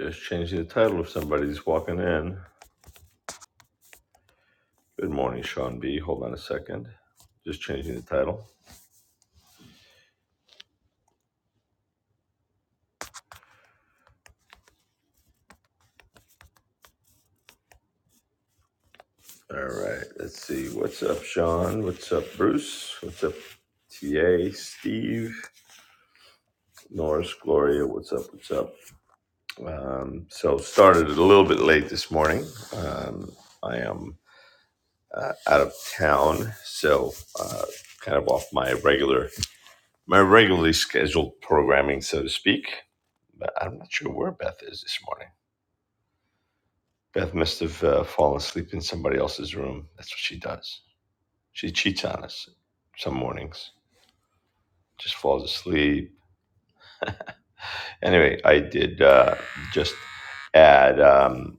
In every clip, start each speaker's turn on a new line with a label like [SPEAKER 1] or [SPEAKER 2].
[SPEAKER 1] Just changing the title if somebody's walking in. Good morning, Sean B. Hold on a second. Just changing the title. All right, let's see. What's up, Sean? What's up, Bruce? What's up, TA, Steve, Norris, Gloria? What's up? What's up? Um, so, started a little bit late this morning. Um, I am uh, out of town, so uh, kind of off my regular, my regularly scheduled programming, so to speak. But I'm not sure where Beth is this morning. Beth must have uh, fallen asleep in somebody else's room. That's what she does. She cheats on us some mornings, just falls asleep. Anyway, I did uh, just add. Um,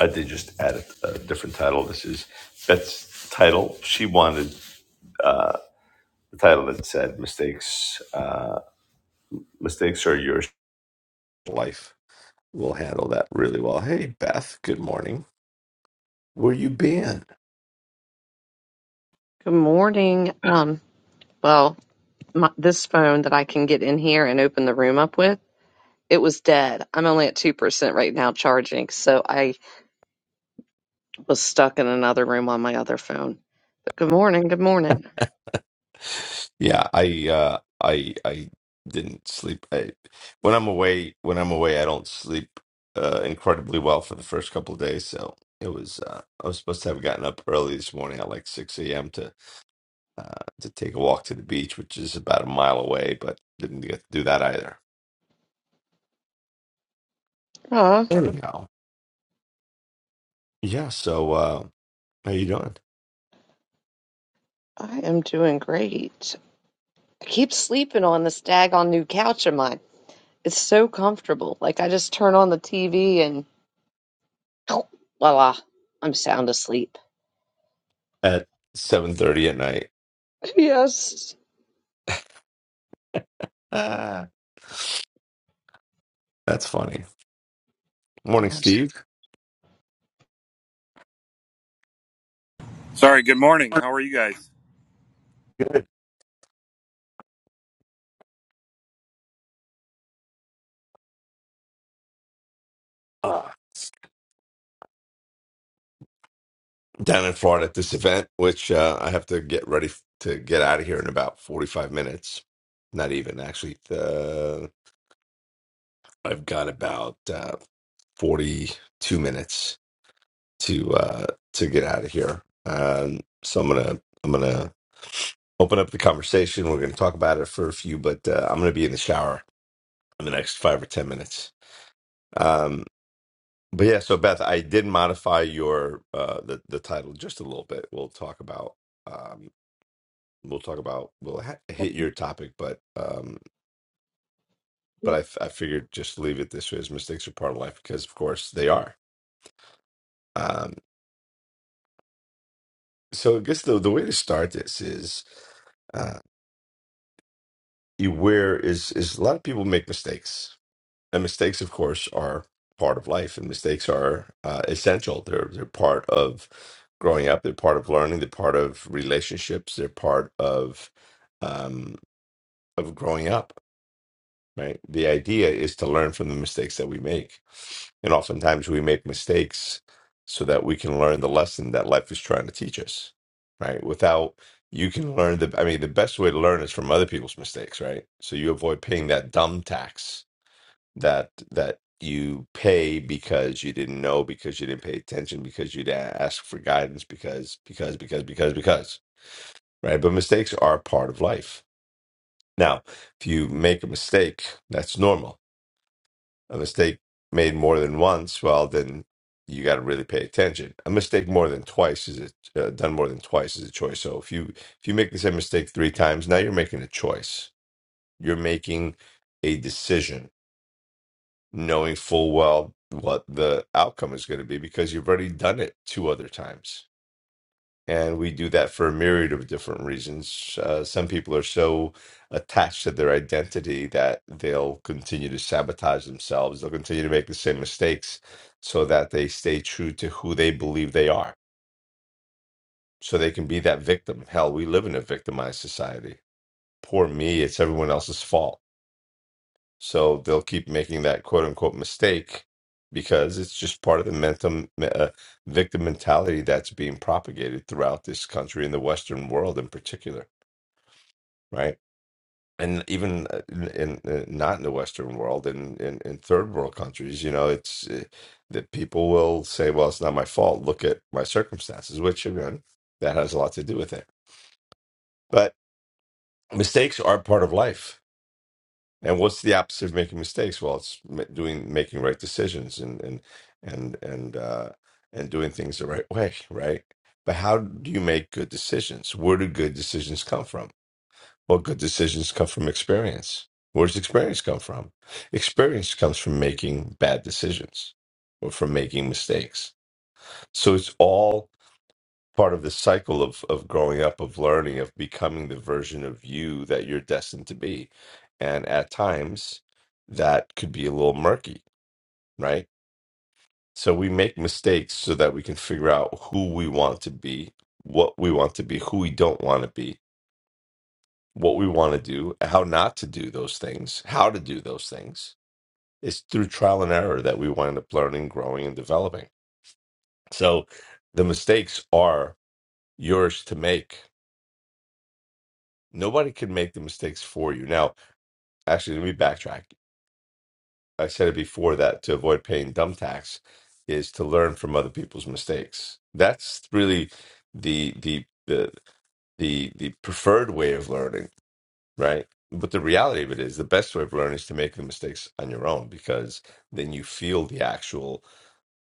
[SPEAKER 1] I did just add a, a different title. This is Beth's title. She wanted uh, the title that said "Mistakes." Uh, mistakes are your life. We'll handle that really well. Hey, Beth. Good morning. Where you been?
[SPEAKER 2] Good morning. Um, well, my, this phone that I can get in here and open the room up with, it was dead. I'm only at 2% right now charging, so I was stuck in another room on my other phone. But good morning, good morning.
[SPEAKER 1] Yeah, I uh I I didn't sleep. I when I'm away when I'm away I don't sleep uh incredibly well for the first couple of days. So it was uh I was supposed to have gotten up early this morning at like 6 a.m. to uh to take a walk to the beach, which is about a mile away, but didn't get to do that either.
[SPEAKER 2] Uh,
[SPEAKER 1] Anyhow. Yeah, so uh how you doing?
[SPEAKER 2] I am doing great. I keep sleeping on this daggone new couch of mine. It's so comfortable. Like I just turn on the TV and voila, I'm sound asleep.
[SPEAKER 1] At 7:30 at night.
[SPEAKER 2] Yes.
[SPEAKER 1] Ah, that's funny. Morning,
[SPEAKER 2] Yes.
[SPEAKER 1] Steve.
[SPEAKER 3] Sorry, good morning. How are you guys?
[SPEAKER 1] Good. down in Florida at this event, which uh, I have to get ready f- to get out of here in about 45 minutes. Not even actually. Uh, I've got about uh, 42 minutes to uh, to get out of here. Um, so I'm gonna I'm gonna open up the conversation. We're gonna talk about it for a few, but uh, I'm gonna be in the shower in the next five or 10 minutes. Um, but yeah, so Beth, I did modify your uh, the the title just a little bit. We'll talk about. um, we'll talk about we'll ha- hit your topic but um but I, f- I figured just leave it this way as mistakes are part of life because of course they are um so i guess the, the way to start this is uh you where is is a lot of people make mistakes and mistakes of course are part of life and mistakes are uh, essential they're they're part of growing up they're part of learning they're part of relationships they're part of um of growing up right? The idea is to learn from the mistakes that we make. And oftentimes we make mistakes so that we can learn the lesson that life is trying to teach us, right? Without you can learn the, I mean, the best way to learn is from other people's mistakes, right? So you avoid paying that dumb tax that, that, you pay because you didn't know because you didn't pay attention because you didn't ask for guidance because because because because because right but mistakes are part of life now if you make a mistake that's normal a mistake made more than once, well, then you got to really pay attention. A mistake more than twice is a, uh, done more than twice is a choice. So if you if you make the same mistake three times, now you're making a choice. You're making a decision, knowing full well what the outcome is going to be because you've already done it two other times and we do that for a myriad of different reasons. Uh, some people are so attached to their identity that they'll continue to sabotage themselves. They'll continue to make the same mistakes so that they stay true to who they believe they are. So they can be that victim. Hell, we live in a victimized society. Poor me, it's everyone else's fault. So they'll keep making that quote unquote mistake because it's just part of the mentum, uh, victim mentality that's being propagated throughout this country and the Western world in particular. right? And even uh, in, in uh, not in the Western world, in, in in third world countries, you know, it's uh, that people will say, "Well, it's not my fault. Look at my circumstances," which again, that has a lot to do with it. But mistakes are part of life. And what's the opposite of making mistakes? Well, it's ma- doing making right decisions and and and and uh, and doing things the right way, right? But how do you make good decisions? Where do good decisions come from? Well, good decisions come from experience. Where does experience come from? Experience comes from making bad decisions or from making mistakes. So it's all part of the cycle of, of growing up, of learning, of becoming the version of you that you're destined to be. And at times, that could be a little murky, right? So we make mistakes so that we can figure out who we want to be, what we want to be, who we don't want to be, what we want to do, how not to do those things, how to do those things. It's through trial and error that we wind up learning, growing, and developing. So the mistakes are yours to make. Nobody can make the mistakes for you. Now, actually, let me backtrack. I said it before that to avoid paying dumb tax is to learn from other people's mistakes. That's really the the the the the preferred way of learning right? But the reality of it is, the best way of learning is to make the mistakes on your own because then you feel the actual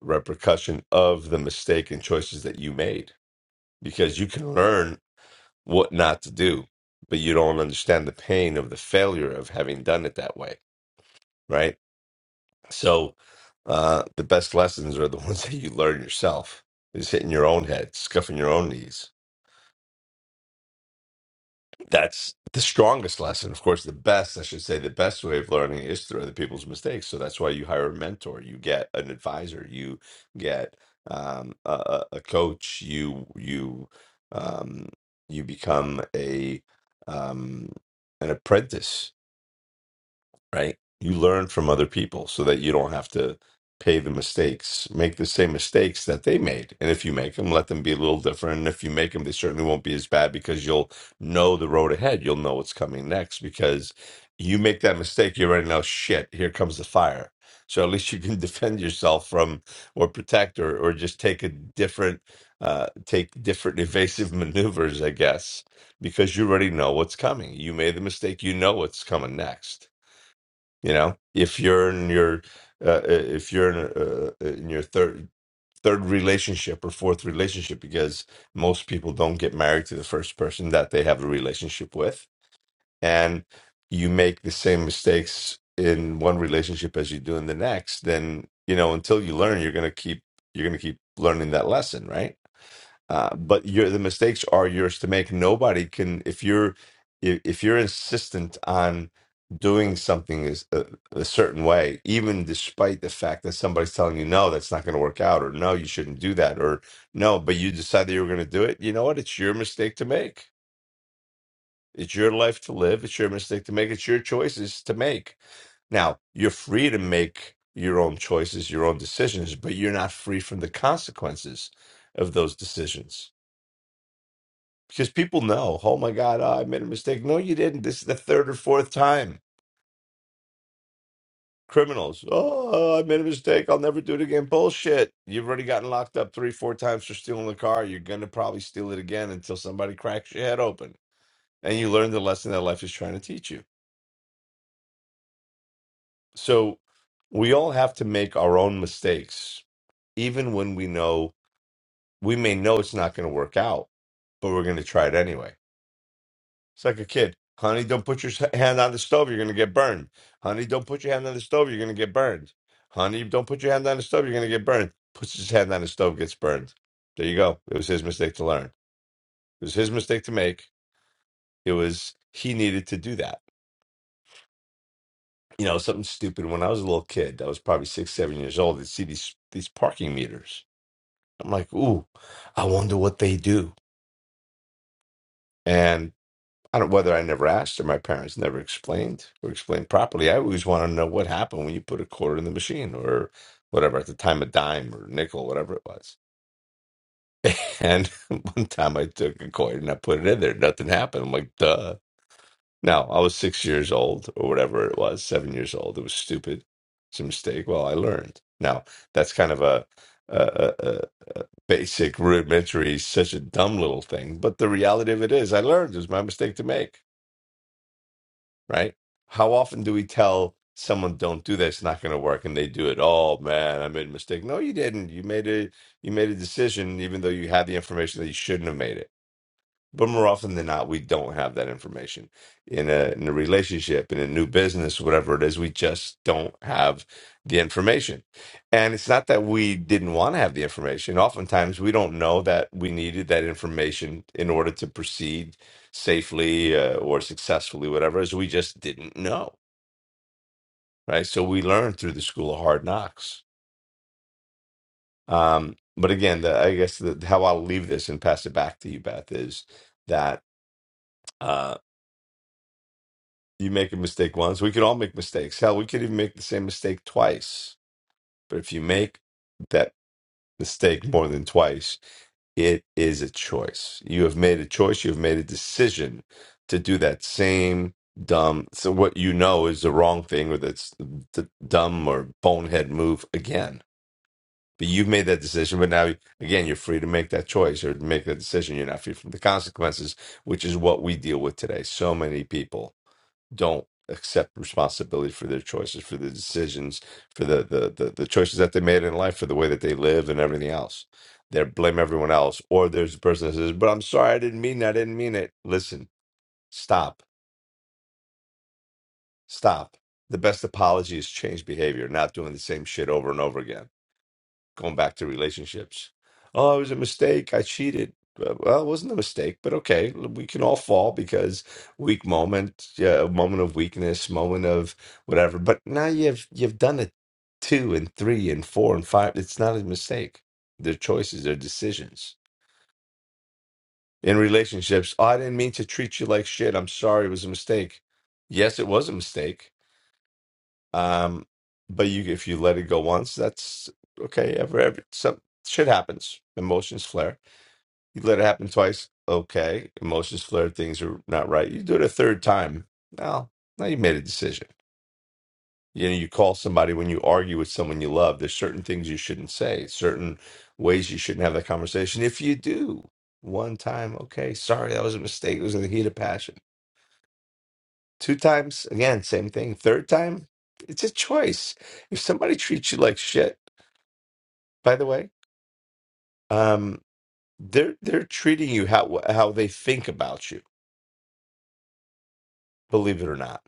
[SPEAKER 1] repercussion of the mistake and choices that you made because you can learn what not to do, but you don't understand the pain of the failure of having done it that way, right? So, uh, the best lessons are the ones that you learn yourself, is hitting your own head, scuffing your own knees, that's the strongest lesson. Of course, the best, I should say, the best way of learning is through other people's mistakes. So that's why you hire a mentor, you get an advisor, you get um, a, a a coach, you you um, you become a um, an apprentice right? You learn from other people so that you don't have to pay the mistakes, make the same mistakes that they made. And if you make them, let them be a little different. And if you make them, they certainly won't be as bad because you'll know the road ahead. You'll know what's coming next because you make that mistake, you already know shit, here comes the fire. So at least you can defend yourself from or protect or or just take a different uh take different evasive maneuvers, I guess, because you already know what's coming. You made the mistake, you know what's coming next you know, if you're in your uh, uh, if you're in, uh, uh, in your third third relationship or fourth relationship, because most people don't get married to the first person that they have a relationship with, and you make the same mistakes in one relationship as you do in the next, then you know until you learn, you're gonna keep you're gonna keep learning that lesson, right? Uh, but your the mistakes are yours to make. Nobody can if you're if, if you're insistent on doing something is a, a certain way, even despite the fact that somebody's telling you no, that's not going to work out, or no, you shouldn't do that, or no, but you decided you were going to do it. You know what? It's your mistake to make. It's your life to live. It's your mistake to make. It's your choices to make. Now, you're free to make your own choices, your own decisions, but you're not free from the consequences of those decisions because people know, oh my God, oh, I made a mistake. No, you didn't. This is the third or fourth time. Criminals, oh, I made a mistake. I'll never do it again. Bullshit. You've already gotten locked up three, four times for stealing the car. You're going to probably steal it again until somebody cracks your head open. And you learn the lesson that life is trying to teach you. So we all have to make our own mistakes, even when we know we may know it's not going to work out, but we're going to try it anyway It's like a kid. Honey, don't put your hand on the stove. You're going to get burned. Honey, don't put your hand on the stove. You're going to get burned. Honey, don't put your hand on the stove. You're going to get burned. Puts his hand on the stove, gets burned. There you go. It was his mistake to learn. It was his mistake to make. It was, he needed to do that. You know, something stupid. When I was a little kid, I was probably six, seven years old, I'd see these, these parking meters. I'm like, ooh, I wonder what they do. I don't whether I never asked or my parents never explained or explained properly. I always want to know what happened when you put a quarter in the machine or whatever at the time a dime or nickel, whatever it was. And one time I took a coin and I put it in there, nothing happened. I'm like, duh. Now I was six years old or whatever it was, seven years old. It was stupid. It's a mistake. Well, I learned. Now that's kind of a a, a, a a basic rudimentary, such a dumb little thing. But the reality of it is, I learned. It was my mistake to make right? How often do we tell someone don't do this, it's not going to work, and they do it? Oh man, I made a mistake. No, you didn't. You made a you made a decision, even though you had the information that you shouldn't have made it. But more often than not, we don't have that information in a in a relationship, in a new business, whatever it is. We just don't have the information, and it's not that we didn't want to have the information. Oftentimes, we don't know that we needed that information in order to proceed safely uh, or successfully, whatever. Is we just didn't know, right? So we learned through the school of hard knocks. Um, but again, the, I guess the, how I'll leave this and pass it back to you, Beth, is that. uh, You make a mistake once. We could all make mistakes. Hell, we could even make the same mistake twice. But if you make that mistake more than twice, it is a choice. You have made a choice. You have made a decision to do that same dumb. So what you know is the wrong thing, or that's the dumb or bonehead move again. But you've made that decision. But now, again, you're free to make that choice or to make that decision. You're not free from the consequences, which is what we deal with today. So many people don't accept responsibility for their choices, for the decisions, for the the the, the choices that they made in life, for the way that they live and everything else. They blame everyone else. Or there's a person that says, But I'm sorry, I didn't mean that, I didn't mean it. Listen, stop, stop. The best apology is change behavior, not doing the same shit over and over again going back to relationships. Oh, it was a mistake. I cheated. Uh, Well, it wasn't a mistake, but okay, we can all fall because weak moment, uh, moment of weakness, moment of whatever. But now you've you've done it two and three and four and five. It's not a mistake. They're choices, they're decisions. In relationships, oh, I didn't mean to treat you like shit. I'm sorry, it was a mistake. Yes, it was a mistake um, but you, if you let it go once, that's okay. Every every some shit happens. Emotions flare. You let it happen twice, okay. Emotions flare. Things are not right. You do it a third time. Now, now you made a decision. You know, you call somebody when you argue with someone you love. There's certain things you shouldn't say. Certain ways you shouldn't have that conversation. If you do one time, okay, sorry, that was a mistake. It was in the heat of passion Two times, again, same thing. Third time, it's a choice. If somebody treats you like shit, by the way, um, they're they're treating you how how they think about you. Believe it or not,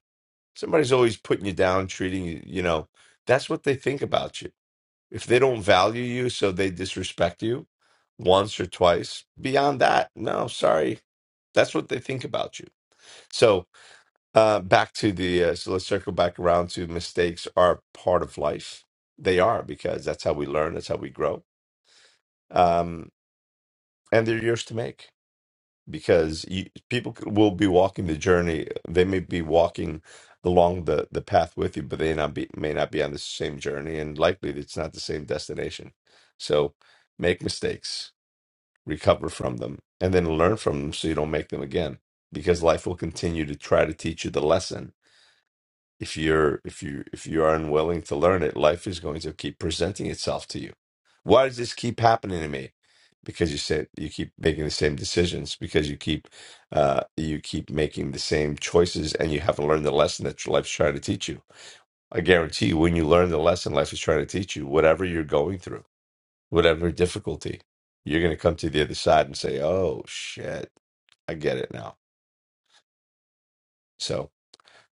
[SPEAKER 1] somebody's always putting you down, treating you. You know, that's what they think about you. If they don't value you, so they disrespect you once or twice. Beyond that, no, sorry, that's what they think about you. So Uh, back to the uh, so let's circle back around to mistakes are part of life. They are because that's how we learn, that's how we grow, um, and they're yours to make because you, people c- will be walking the journey. They may be walking along the the path with you, but they not be may not be on the same journey, and likely it's not the same destination. So make mistakes, recover from them, and then learn from them so you don't make them again. Because life will continue to try to teach you the lesson if you're if you if you are unwilling to learn it life is going to keep presenting itself to you why does this keep happening to me because you said you keep making the same decisions because you keep uh you keep making the same choices and you haven't learned the lesson that your life's trying to teach you i guarantee you when you learn the lesson life is trying to teach you whatever you're going through whatever difficulty you're going to come to the other side and say oh shit i get it now so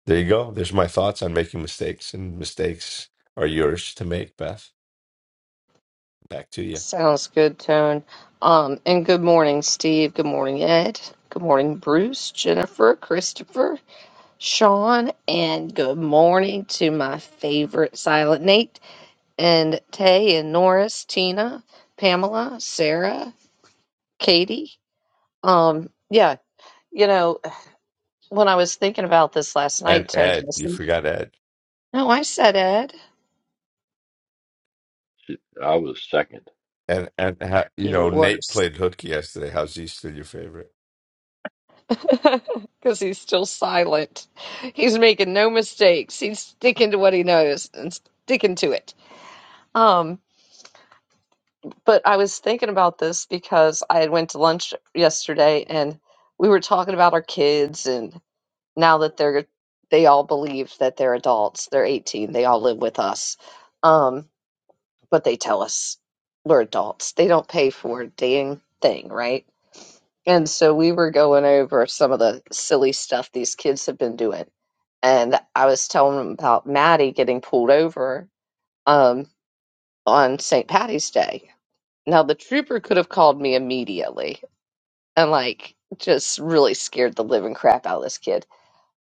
[SPEAKER 1] There you go. There's my thoughts on making mistakes, and mistakes are yours to make, Beth. Back to you.
[SPEAKER 2] Sounds good, Tone. Um, and good morning, Steve. Good morning, Ed. Good morning, Bruce, Jennifer, Christopher, Sean, and good morning to my favorite Silent Nate and Tay and Norris, Tina, Pamela, Sarah, Katie. Um, yeah, you know, when I was thinking about this last night,
[SPEAKER 1] And
[SPEAKER 2] Tone, I
[SPEAKER 1] Ed, you
[SPEAKER 2] said,
[SPEAKER 1] forgot Ed.
[SPEAKER 2] no, I said Ed.
[SPEAKER 4] I was second.
[SPEAKER 1] And and ha- you
[SPEAKER 2] You
[SPEAKER 1] know Nate
[SPEAKER 2] worse.
[SPEAKER 1] played hooky yesterday. How's he still your favorite?
[SPEAKER 2] because he's still silent. He's making no mistakes. He's sticking to what he knows and sticking to it. Um, but I was thinking about this because I had went to lunch yesterday and we were talking about our kids and now that they're they all believe that they're adults. They're 18. They all live with us. Um, but they tell us we're adults. They don't pay for a dang thing, right? And so we were going over some of the silly stuff these kids have been doing and I was telling him about Maddie getting pulled over um, on St. Patty's Day. Now, the trooper could have called me immediately and, like, just really scared the living crap out of this kid.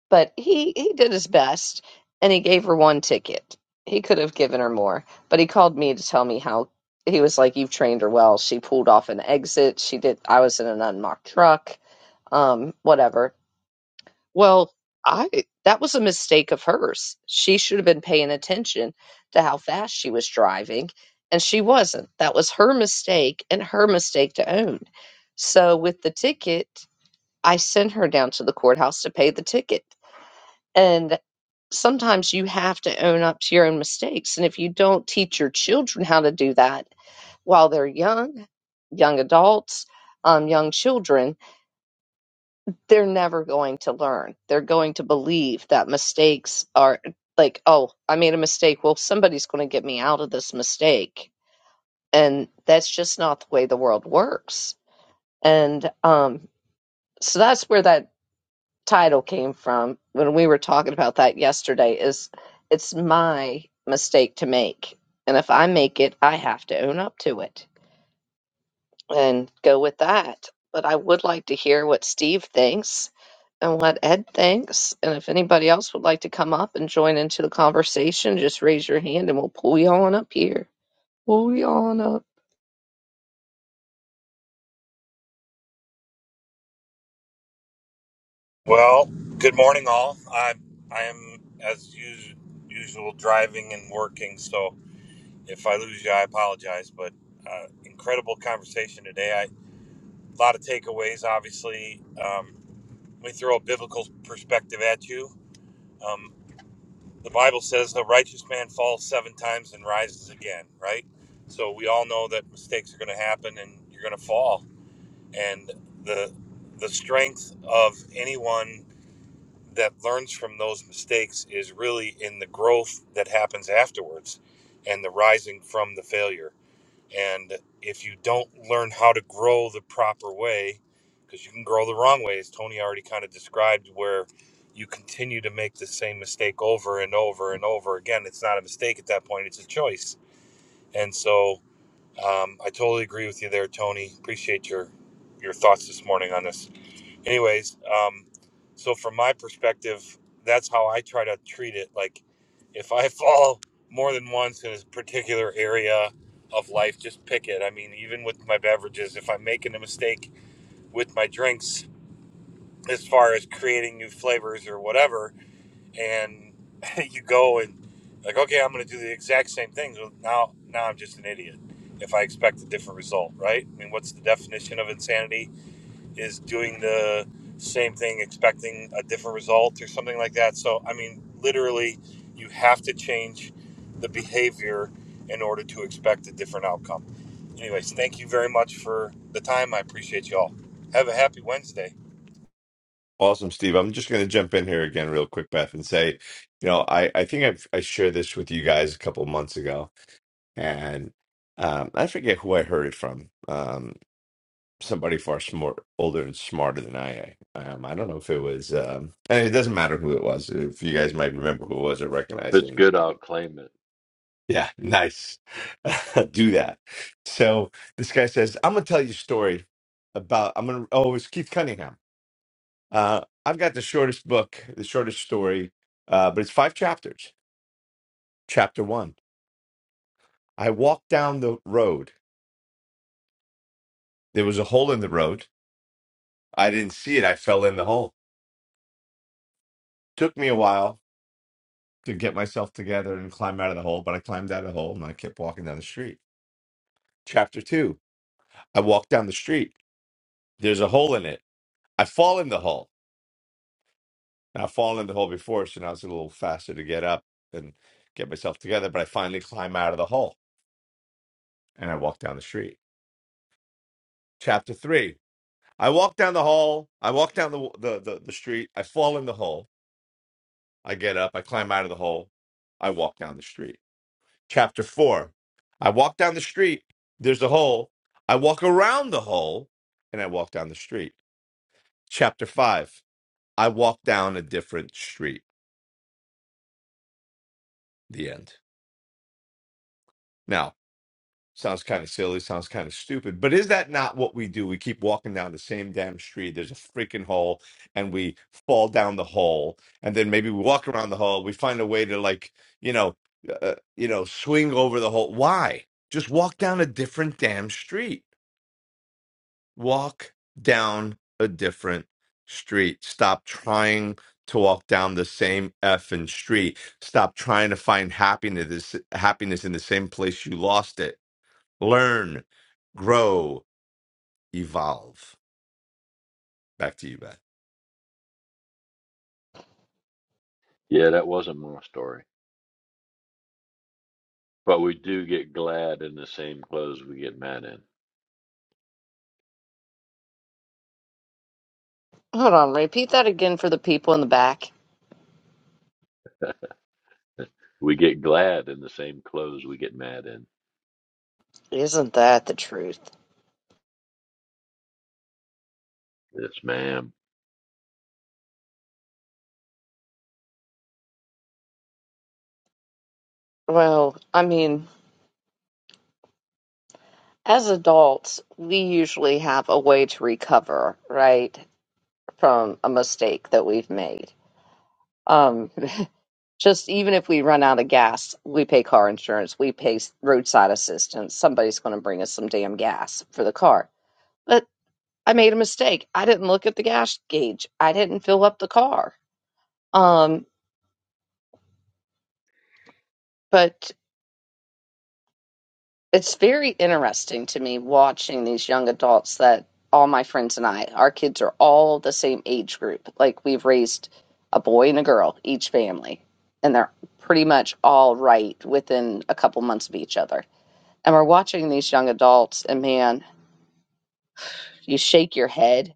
[SPEAKER 2] But he, he did his best and he gave her one ticket. He could have given her more, but he called me to tell me how he was like, You've trained her well. She pulled off an exit. She did. I was in an unmarked truck, um, whatever Well, I that was a mistake of hers. She should have been paying attention to how fast she was driving, and she wasn't. That was her mistake and her mistake to own. So with the ticket, I sent her down to the courthouse to pay the ticket. And sometimes you have to own up to your own mistakes, and if you don't teach your children how to do that while they're young, young adults, um, young children, they're never going to learn. They're going to believe that mistakes are like, oh, I made a mistake. Well, somebody's going to get me out of this mistake. And that's just not the way the world works. And um, so that's where that title came from when we were talking about that yesterday is it's my mistake to make. And if I make it, I have to own up to it and go with that. But I would like to hear what Steve thinks and what Ed thinks. And if anybody else would like to come up and join into the conversation, just raise your hand and we'll pull you on up here. Pull you on up.
[SPEAKER 3] Well, good morning, all. i I am as usual, usual driving and working. So if I lose you, I apologize. But uh, incredible conversation today. I, a lot of takeaways. Obviously, um, we throw a biblical perspective at you. Um, the Bible says the righteous man falls seven times and rises again. Right. So we all know that mistakes are going to happen and you're going to fall. And the the strength of anyone that learns from those mistakes is really in the growth that happens afterwards and the rising from the failure. And if you don't learn how to grow the proper way, because you can grow the wrong way, as Tony already kind of described, where you continue to make the same mistake over and over and over again, it's not a mistake at that point, it's a choice. And so um, I totally agree with you there, Tony. Appreciate your your thoughts this morning on this anyways, um, so from my perspective, that's how I try to treat it. Like, if I fall more than once in a particular area of life, just pick it. I mean, even with my beverages, if I'm making a mistake with my drinks as far as creating new flavors or whatever, and you go and like, okay, I'm going to do the exact same things. Well, now, now I'm just an idiot if I expect a different result, right? I mean, what's the definition of insanity? is doing the same thing, expecting a different result or something like that. So, I mean, literally, you have to change the behavior in order to expect a different outcome. Anyways, thank you very much for the time. I appreciate you all. Have a happy Wednesday.
[SPEAKER 1] Awesome, Steve. I'm just going to jump in here again, real quick, Beth, and say, you know, I I think I've, I shared this with you guys a couple months ago, and um, I forget who I heard it from. Um, somebody far smart, older and smarter than I am. Um, I don't know if it was. Um, and it doesn't matter who it was. If you guys might remember who it was or recognize
[SPEAKER 4] If it's
[SPEAKER 1] it.
[SPEAKER 4] good, I'll claim it.
[SPEAKER 1] Yeah, nice. Do that. So this guy says, "I'm gonna tell you a story about. I'm gonna. Oh, it's Keith Cunningham. Uh, I've got the shortest book, the shortest story, uh, but it's five chapters. Chapter one. I walked down the road. There was a hole in the road. I didn't see it. I fell in the hole. Took me a while to get myself together and climb out of the hole, but I climbed out of the hole and I kept walking down the street. Chapter two, I walk down the street. There's a hole in it. I fall in the hole. Now, I've fallen in the hole before, so now it's a little faster to get up and get myself together, but I finally climb out of the hole and I walk down the street. Chapter three, I walk down the hall. I walk down the, the, the, the street. I fall in the hole. I get up. I climb out of the hole. I walk down the street chapter 4. I walk down the street, there's a hole. I walk around the hole and I walk down the street. Chapter 5. I walk down a different street. The end. Now, sounds kind of silly, sounds kind of stupid, but is that not what we do? We keep walking down the same damn street. There's a freaking hole and we fall down the hole and then maybe we walk around the hole. We find a way to like, you know, uh, uh, you know, swing over the hole. Why? Just walk down a different damn street walk down a different street. Stop trying to walk down the same effing street. Stop trying to find happiness happiness in the same place you lost it. Learn, grow, evolve. Back to you, Beth.
[SPEAKER 4] Yeah, that wasn't my story. But we do get glad in the same clothes we get mad in.
[SPEAKER 2] Hold on, repeat that again for the people in the back.
[SPEAKER 4] We get glad in the same clothes we get mad in.
[SPEAKER 2] Isn't that the truth?
[SPEAKER 4] Yes, ma'am.
[SPEAKER 2] Well, I mean, as adults, we usually have a way to recover, right, from a mistake that we've made. Um, just even if we run out of gas, we pay car insurance, we pay roadside assistance. Somebody's going to bring us some damn gas for the car. But I made a mistake. I didn't look at the gas gauge. I didn't fill up the car. Um, but it's very interesting to me watching these young adults that all my friends and I, our kids are all the same age group. Like we've raised a boy and a girl, each family, and they're pretty much all right within a couple months of each other. And we're watching these young adults, and man, you shake your head.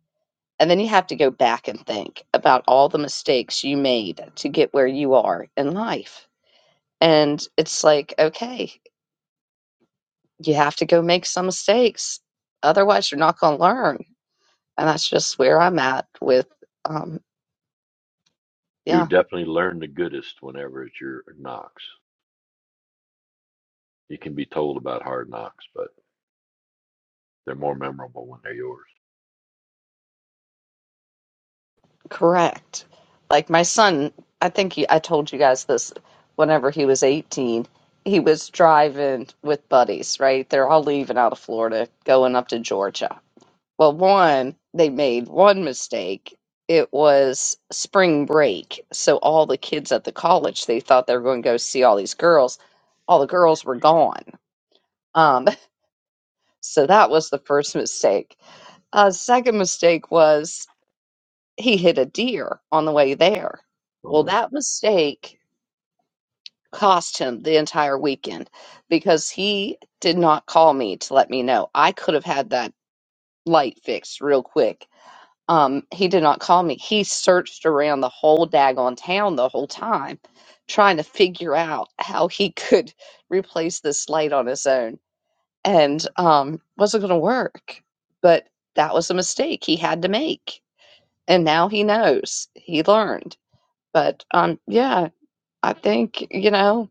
[SPEAKER 2] And then you have to go back and think about all the mistakes you made to get where you are in life And it's like, okay, you have to go make some mistakes. Otherwise, you're not going to learn. And that's just where I'm at with, um,
[SPEAKER 4] You
[SPEAKER 2] yeah,
[SPEAKER 4] definitely learn the goodest whenever it's your knocks. You can be told about hard knocks, but they're more memorable when they're yours.
[SPEAKER 2] correct. Like my son, I think he, I told you guys this whenever he was 18, he was driving with buddies, right? They're all leaving out of Florida, going up to Georgia Well, one, they made one mistake. It was spring break. So all the kids at the college, they thought they were going to go see all these girls. All the girls were gone. Um, so that was the first mistake. Uh, second mistake was he hit a deer on the way there.
[SPEAKER 4] Oh
[SPEAKER 2] Well,
[SPEAKER 4] no.
[SPEAKER 2] that mistake cost him the entire weekend because he did not call me to let me know. I could have had that light fixed real quick Um, he did not call me. He searched around the whole daggone town the whole time, trying to figure out how he could replace this light on his own, and um, wasn't going to work. But that was a mistake he had to make, and now he knows. He learned. But um, yeah, I think you know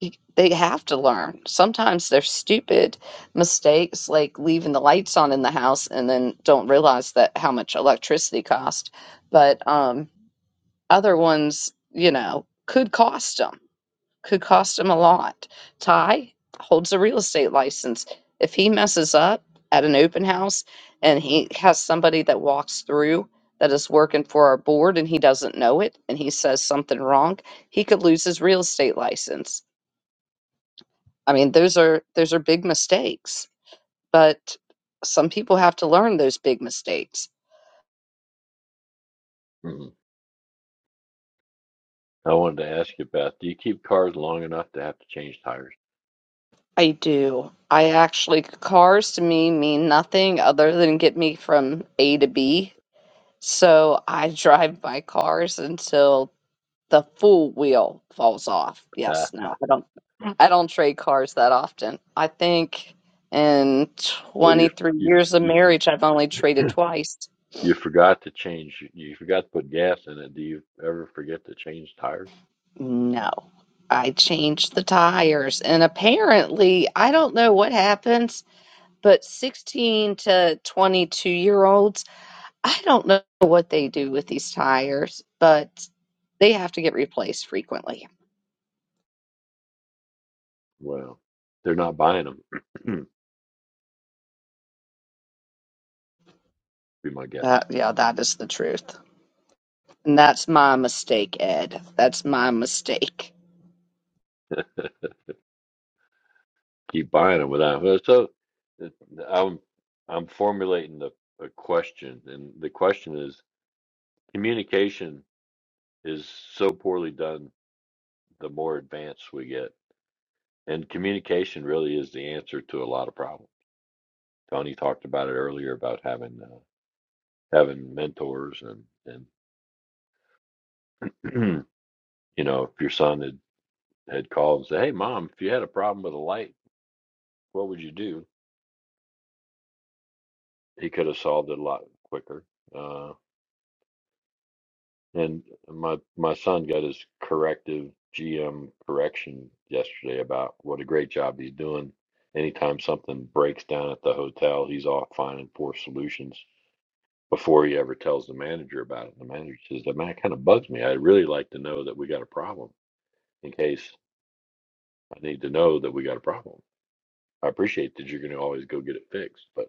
[SPEAKER 2] you- they have to learn. Sometimes they're stupid mistakes, like leaving the lights on in the house and then don't realize that how much electricity cost. But um, other ones, you know, could cost them, could cost them a lot. Ty holds a real estate license. If he messes up at an open house and he has somebody that walks through that is working for our board and he doesn't know it and he says something wrong, he could lose his real estate license I mean, those are those are big mistakes, but some people have to learn those big mistakes.
[SPEAKER 4] hmm I wanted to ask you, Beth. Do you keep cars long enough to have to change tires?
[SPEAKER 2] I do. I actually cars to me mean nothing other than get me from A to B. So I drive my cars until the full wheel falls off.
[SPEAKER 4] Ah,
[SPEAKER 2] Yes, no, I don't I don't trade cars that often. I think in
[SPEAKER 4] well, you
[SPEAKER 2] 23
[SPEAKER 4] you
[SPEAKER 2] years of
[SPEAKER 4] you
[SPEAKER 2] marriage I've only traded twice.
[SPEAKER 4] You forgot to change. You forgot to put gas in it. Do you ever forget to change tires?
[SPEAKER 2] No, I changed the tires, and apparently, I don't know what happens, but 16 to 22 year olds, I don't know what they do with these tires, but they have to get replaced frequently.
[SPEAKER 4] Well, they're not buying them. be my guess.
[SPEAKER 2] That, yeah, that is the truth. And that's my mistake, Ed. That's my mistake.
[SPEAKER 4] Keep buying them without. well, So it- I'm I'm formulating the a question, and the question is communication is so poorly done. The more advanced we get, and communication really is the answer to a lot of problems. Tony talked about it earlier about having uh, having mentors and and you know if your son had had called and said, "Hey, mom, if you had a problem with a light, what would you do?" He could have solved it a lot quicker. Uh, and my my son got his corrective GM correction yesterday about what a great job he's doing. Anytime something breaks down at the hotel, he's off finding four solutions before he ever tells the manager about it. The manager says, "That man kind of bugs me. I'd really like to know that we got a problem in case I need to know that we got a problem. I appreciate that you're going to always go get it fixed, but."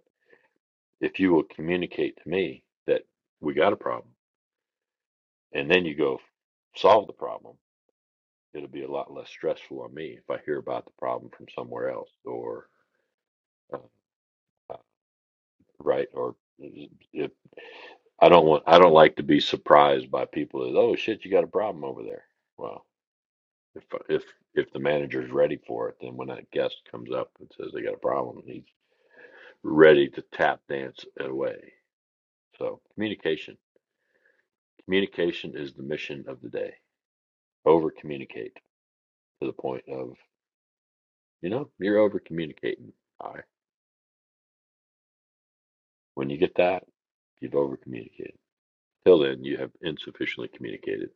[SPEAKER 4] If you will communicate to me that we got a problem and then you go solve the problem, it'll be a lot less stressful on me if I hear about the problem from somewhere else or uh, uh, right or uh, if I don't want I don't like to be surprised by people that oh shit you got a problem over there. Well, if if if the manager's ready for it, then when that guest comes up and says they got a problem, he's ready to tap dance it away. So communication, communication is the mission of the day. over communicate to the point of, you know, you're over communicating. All right. When you get that, you've over communicated. Till then, you have insufficiently communicated.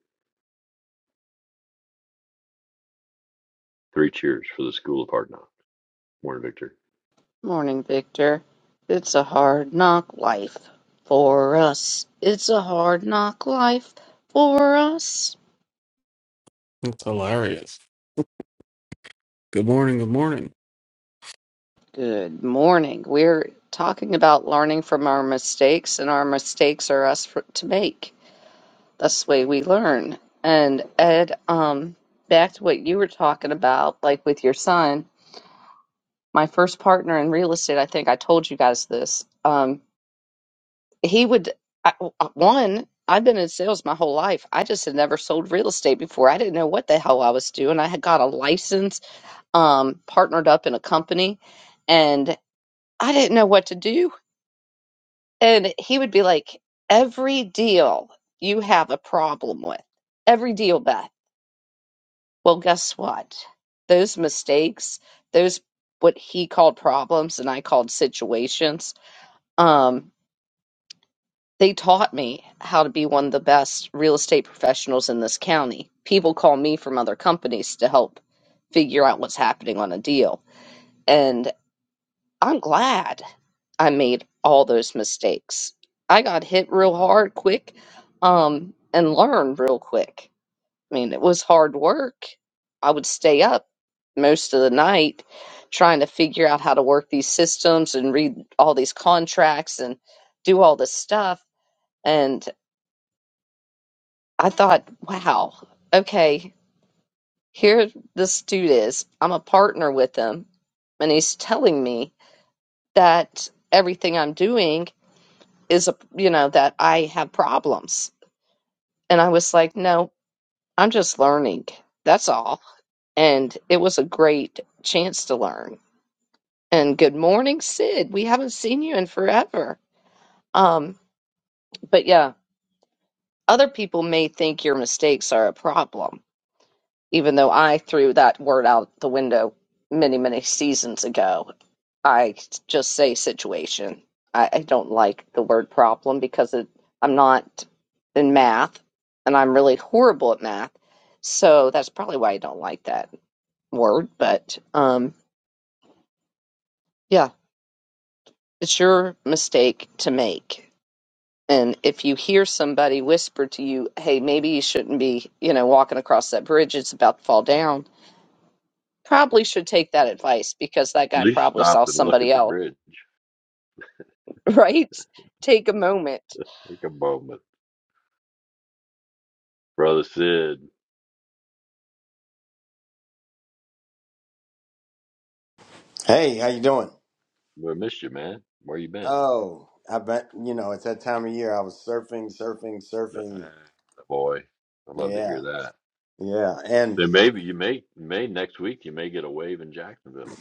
[SPEAKER 4] Three cheers for the school of hard knocks. Morning, Victor.
[SPEAKER 2] Morning, Victor. It's a hard knock life for us. It's a hard knock life for us.
[SPEAKER 5] That's hilarious. Good morning. Good morning.
[SPEAKER 2] Good morning. We're talking about learning from our mistakes, and our mistakes are us for, to make. That's the way we learn. And Ed, um, back to what you were talking about, like with your son, my first partner in real estate, I think I told you guys this. Um, he would, I, one, I've been in sales my whole life. I just had never sold real estate before. I didn't know what the hell I was doing. I had got a license, um, partnered up in a company, and I didn't know what to do And he would be like, Every deal you have a problem with, every deal, Beth. Well, guess what? Those mistakes, those what he called problems and I called situations, um, they taught me how to be one of the best real estate professionals in this county. People call me from other companies to help figure out what's happening on a deal. and. I'm glad I made all those mistakes. I got hit real hard quick um, and learned real quick. I mean, it was hard work. I would stay up most of the night trying to figure out how to work these systems and read all these contracts and do all this stuff. And I thought, wow, okay, here this dude is. I'm a partner with him, and he's telling me that everything I'm doing is a you know that I have problems. And I was like, no, I'm just learning. That's all. And it was a great chance to learn. And good morning, Sid. We haven't seen you in forever. Um, but yeah, other people may think your mistakes are a problem even though I threw that word out the window many, many seasons ago. I just say situation. I, I don't like the word problem because it, I'm not in math and I'm really horrible at math. So that's probably why I don't like that word. But um, yeah, it's your mistake to make. And if you hear somebody whisper to you, hey, maybe you shouldn't be, you know, walking across that bridge, it's about to fall down probably should take that advice because that
[SPEAKER 4] At
[SPEAKER 2] guy
[SPEAKER 4] least
[SPEAKER 2] probably
[SPEAKER 4] stop
[SPEAKER 2] saw
[SPEAKER 4] and look at
[SPEAKER 2] somebody
[SPEAKER 4] the
[SPEAKER 2] else,
[SPEAKER 4] bridge.
[SPEAKER 2] right? Take a moment.
[SPEAKER 4] Take a moment. Brother Sid,
[SPEAKER 6] Hey, how you doing?
[SPEAKER 4] we missed you, man. Where you been?
[SPEAKER 6] Oh, I bet you know it's that time of year. I was surfing, surfing,
[SPEAKER 4] Right,
[SPEAKER 6] surfing.
[SPEAKER 4] boy. I'd love to hear
[SPEAKER 6] Yeah,
[SPEAKER 4] that.
[SPEAKER 6] yeah. And
[SPEAKER 4] Then maybe you may, may next week, you may get a wave in Jacksonville.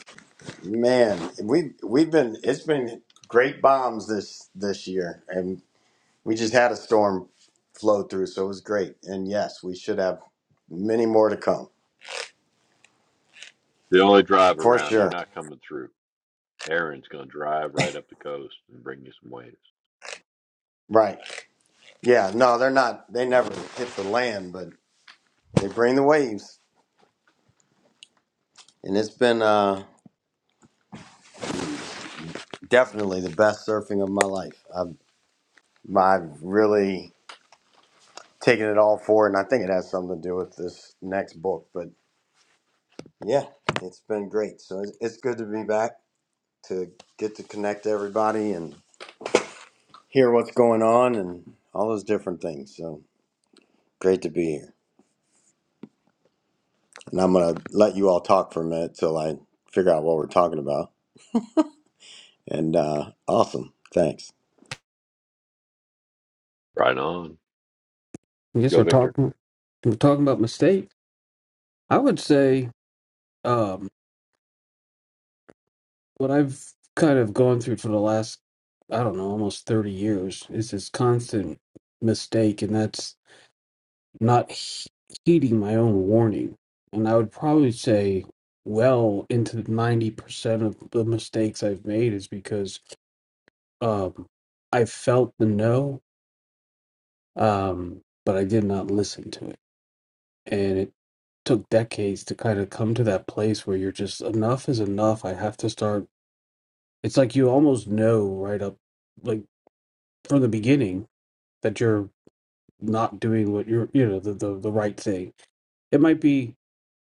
[SPEAKER 6] man, we we've been it's been great bombs this this year, and we just had a storm flow through, so it was great. And yes, we should have many more to come
[SPEAKER 4] They only drive
[SPEAKER 6] for
[SPEAKER 4] around. They're
[SPEAKER 6] sure.
[SPEAKER 4] not coming through. Aaron's gonna drive right up the coast and bring you some waves.
[SPEAKER 6] Right? Yeah. No, they're not. They never hit the land, but they bring the waves, and it's been uh, definitely the best surfing of my life. I've I've really taking it all forward. And I think it has something to do with this next book. But yeah, it's been great. So it's, it's good to be back to get to connect to everybody and hear what's going on and all those different things. So great to be here. And I'm going to let you all talk for a minute till I figure out what we're talking about. And uh, awesome. Thanks.
[SPEAKER 4] Right on.
[SPEAKER 5] I guess
[SPEAKER 4] Go,
[SPEAKER 5] we're
[SPEAKER 4] Victor.
[SPEAKER 5] talking we're talking about mistakes. I would say um, what I've kind of gone through for the last I don't know almost thirty years is this constant mistake, and that's not he- heeding my own warning. And I would probably say well into ninety percent of the mistakes I've made is because um, I felt the no, um, but I did not listen to it, and it took decades to kind of come to that place where you're just enough is enough. I have to start. It's like you almost know right up, like from the beginning, that you're not doing what you're, you know, the the, the right thing. It might be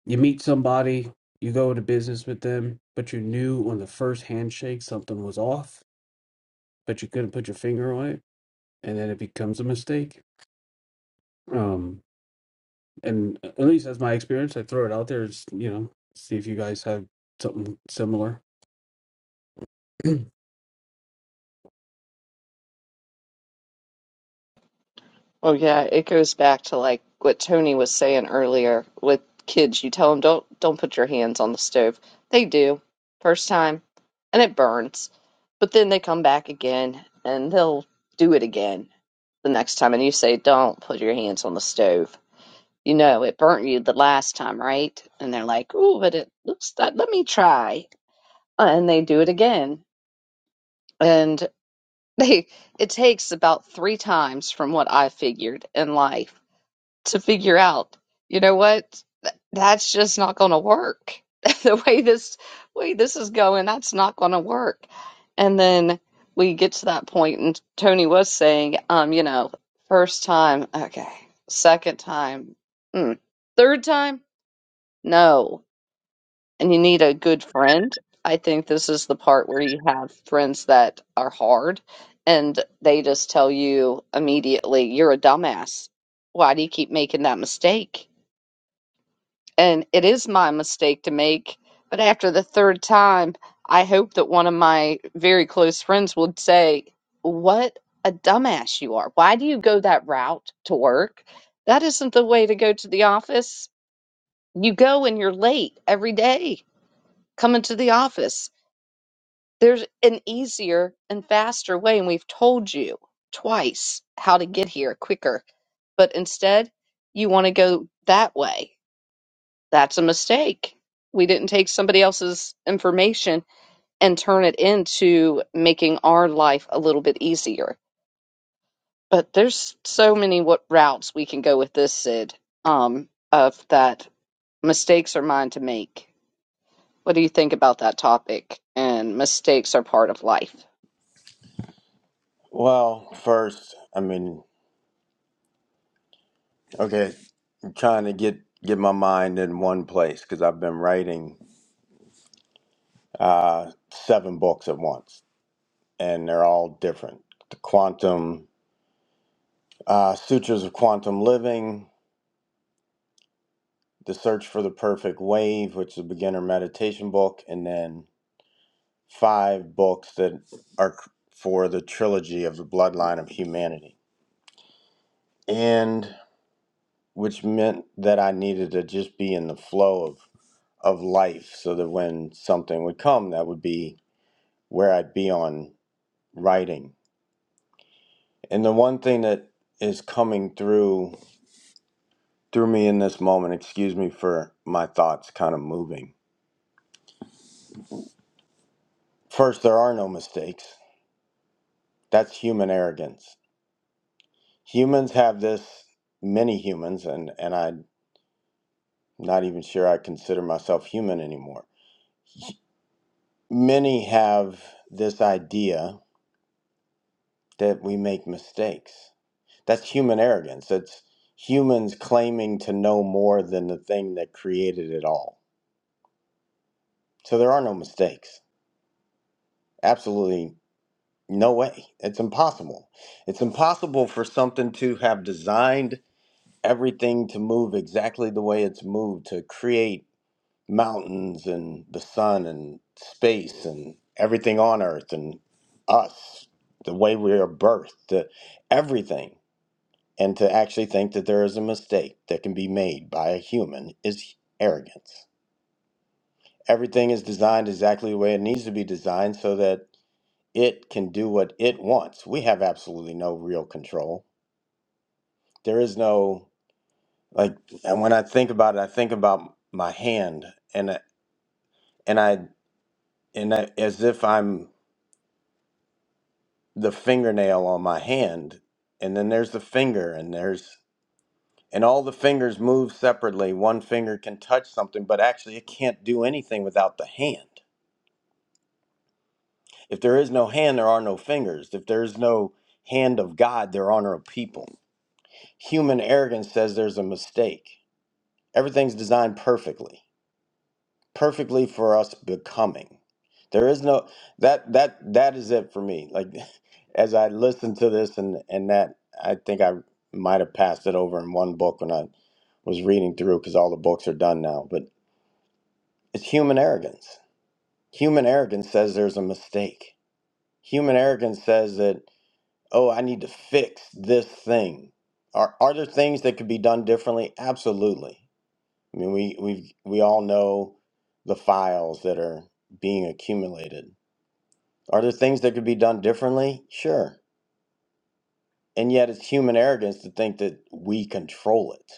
[SPEAKER 5] you meet somebody, you go into business with them, but you knew on the first handshake something was off, but you couldn't put your finger on it, and then it becomes a mistake. Um, and uh, at least that's my experience. I throw it out there. It's, you know, see if you guys have something similar.
[SPEAKER 2] Well, yeah, it goes back to like what Tony was saying earlier with kids. You tell them don't don't put your hands on the stove. They do first time, and it burns, but then they come back again and they'll do it again the next time. And you say don't put your hands on the stove. You know it burnt you the last time, right? And they're like, "Oh, but it looks. Let me try." And they do it again and they it takes about three times from what I figured in life to figure out, you know what? Th- That's just not going to work. The way this way this is going, that's not going to work. And then we get to that point, and Tony was saying, um, you know, first time, okay, second time, mm. third time, no and you need a good friend. I think this is the part where you have friends that are hard and they just tell you immediately, you're a dumbass. Why do you keep making that mistake? And it is my mistake to make, but after the third time, I hope that one of my very close friends would say, What a dumbass you are. Why do you go that route to work? That isn't the way to go to the office. You go and you're late every day coming to the office There's an easier and faster way, and we've told you twice how to get here quicker. But instead, you want to go that way. That's a mistake. We didn't take somebody else's information and turn it into making our life a little bit easier. But there's so many what routes we can go with this, Sid, um, of that mistakes are mine to make. What do you think about that topic? And mistakes are part of life.
[SPEAKER 6] Well, first, I mean, okay, I'm trying to get get my mind in one place because I've been writing uh, seven books at once and they're all different. The quantum uh, sutras of quantum living, the search for the perfect wave, which is a beginner meditation book, and then five books that are for the trilogy of the bloodline of humanity, and which meant that I needed to just be in the flow of of life, so that when something would come, that would be where I'd be on writing. And the one thing that is coming through threw me in this moment. Excuse me for my thoughts kind of moving. First, there are no mistakes. That's human arrogance. Humans have this, many humans, and, and I'm not even sure I consider myself human anymore. Many have this idea that we make mistakes. That's human arrogance. It's humans claiming to know more than the thing that created it all. So there are no mistakes. Absolutely No way. It's impossible. It's impossible for something to have designed everything to move exactly the way it's moved, to create mountains and the sun and space and everything on earth and us, the way we are birthed, the, everything. And to actually think that there is a mistake that can be made by a human is arrogance. Everything is designed exactly the way it needs to be designed so that it can do what it wants. We have absolutely no real control. There is no like and when I think about it, I think about my hand and I- and I and I, as if I'm the fingernail on my hand and then there's the finger and there's and all the fingers move separately. One finger can touch something, but actually it can't do anything without the hand. If there is no hand, there are no fingers. If there is no hand of God, there are no people. Human arrogance says there's a mistake everything's designed perfectly perfectly for us becoming there is no that that that is it for me like as i listened to this and and that i think i might have passed it over in one book when i was reading through because all the books are done now but it's human arrogance human arrogance says there's a mistake human arrogance says that oh i need to fix this thing are, are there things that could be done differently absolutely I mean, we we we all know the files that are being accumulated. Are there things that could be done differently? Sure, and yet it's human arrogance to think that we control it.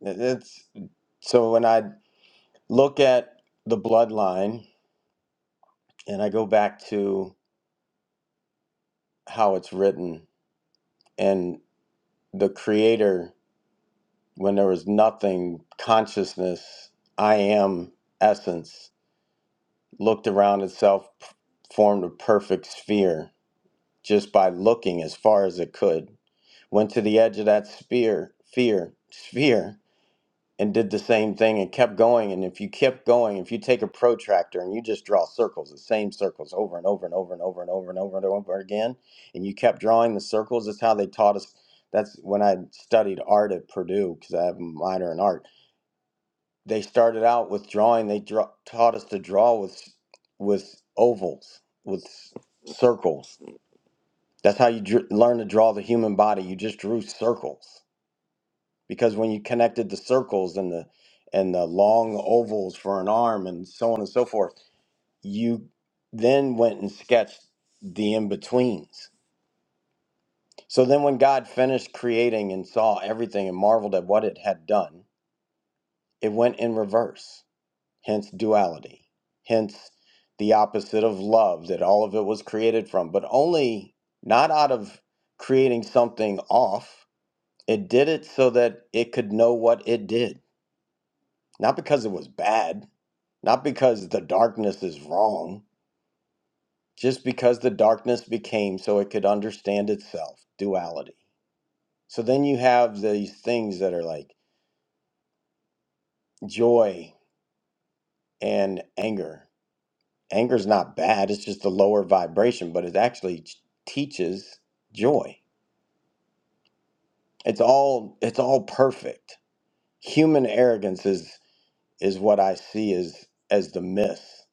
[SPEAKER 6] That- That's so. When I look at the bloodline and I go back to how it's written and the creator, when there was nothing, consciousness, I am essence, looked around itself, p- formed a perfect sphere just by looking as far as it could. Went to the edge of that sphere, fear, sphere, and did the same thing and kept going. And if you kept going, if you take a protractor and you just draw circles, the same circles over and over and over and over and over and over and over again, and you kept drawing the circles, that's how they taught us. That's when I studied art at Purdue because I have a minor in art. They started out with drawing. They draw, taught us to draw with with ovals, with circles that's how you dr- learn to draw the human body. You just drew circles because when you connected the circles and the and the long ovals for an arm and so on and so forth, you then went and sketched the in betweens. So then, when God finished creating and saw everything and marveled at what it had done, it went in reverse. Hence duality. Hence the opposite of love that all of it was created from, but only not out of creating something off It did it so that it could know what it did. Not because it was bad, not because the darkness is wrong, just because the darkness became so it could understand itself, duality. So then you have these things that are like joy and anger. Anger's not bad, it's just a lower vibration, but it actually t- teaches joy. It's all it's all perfect. Human arrogance is is what I see as as the myth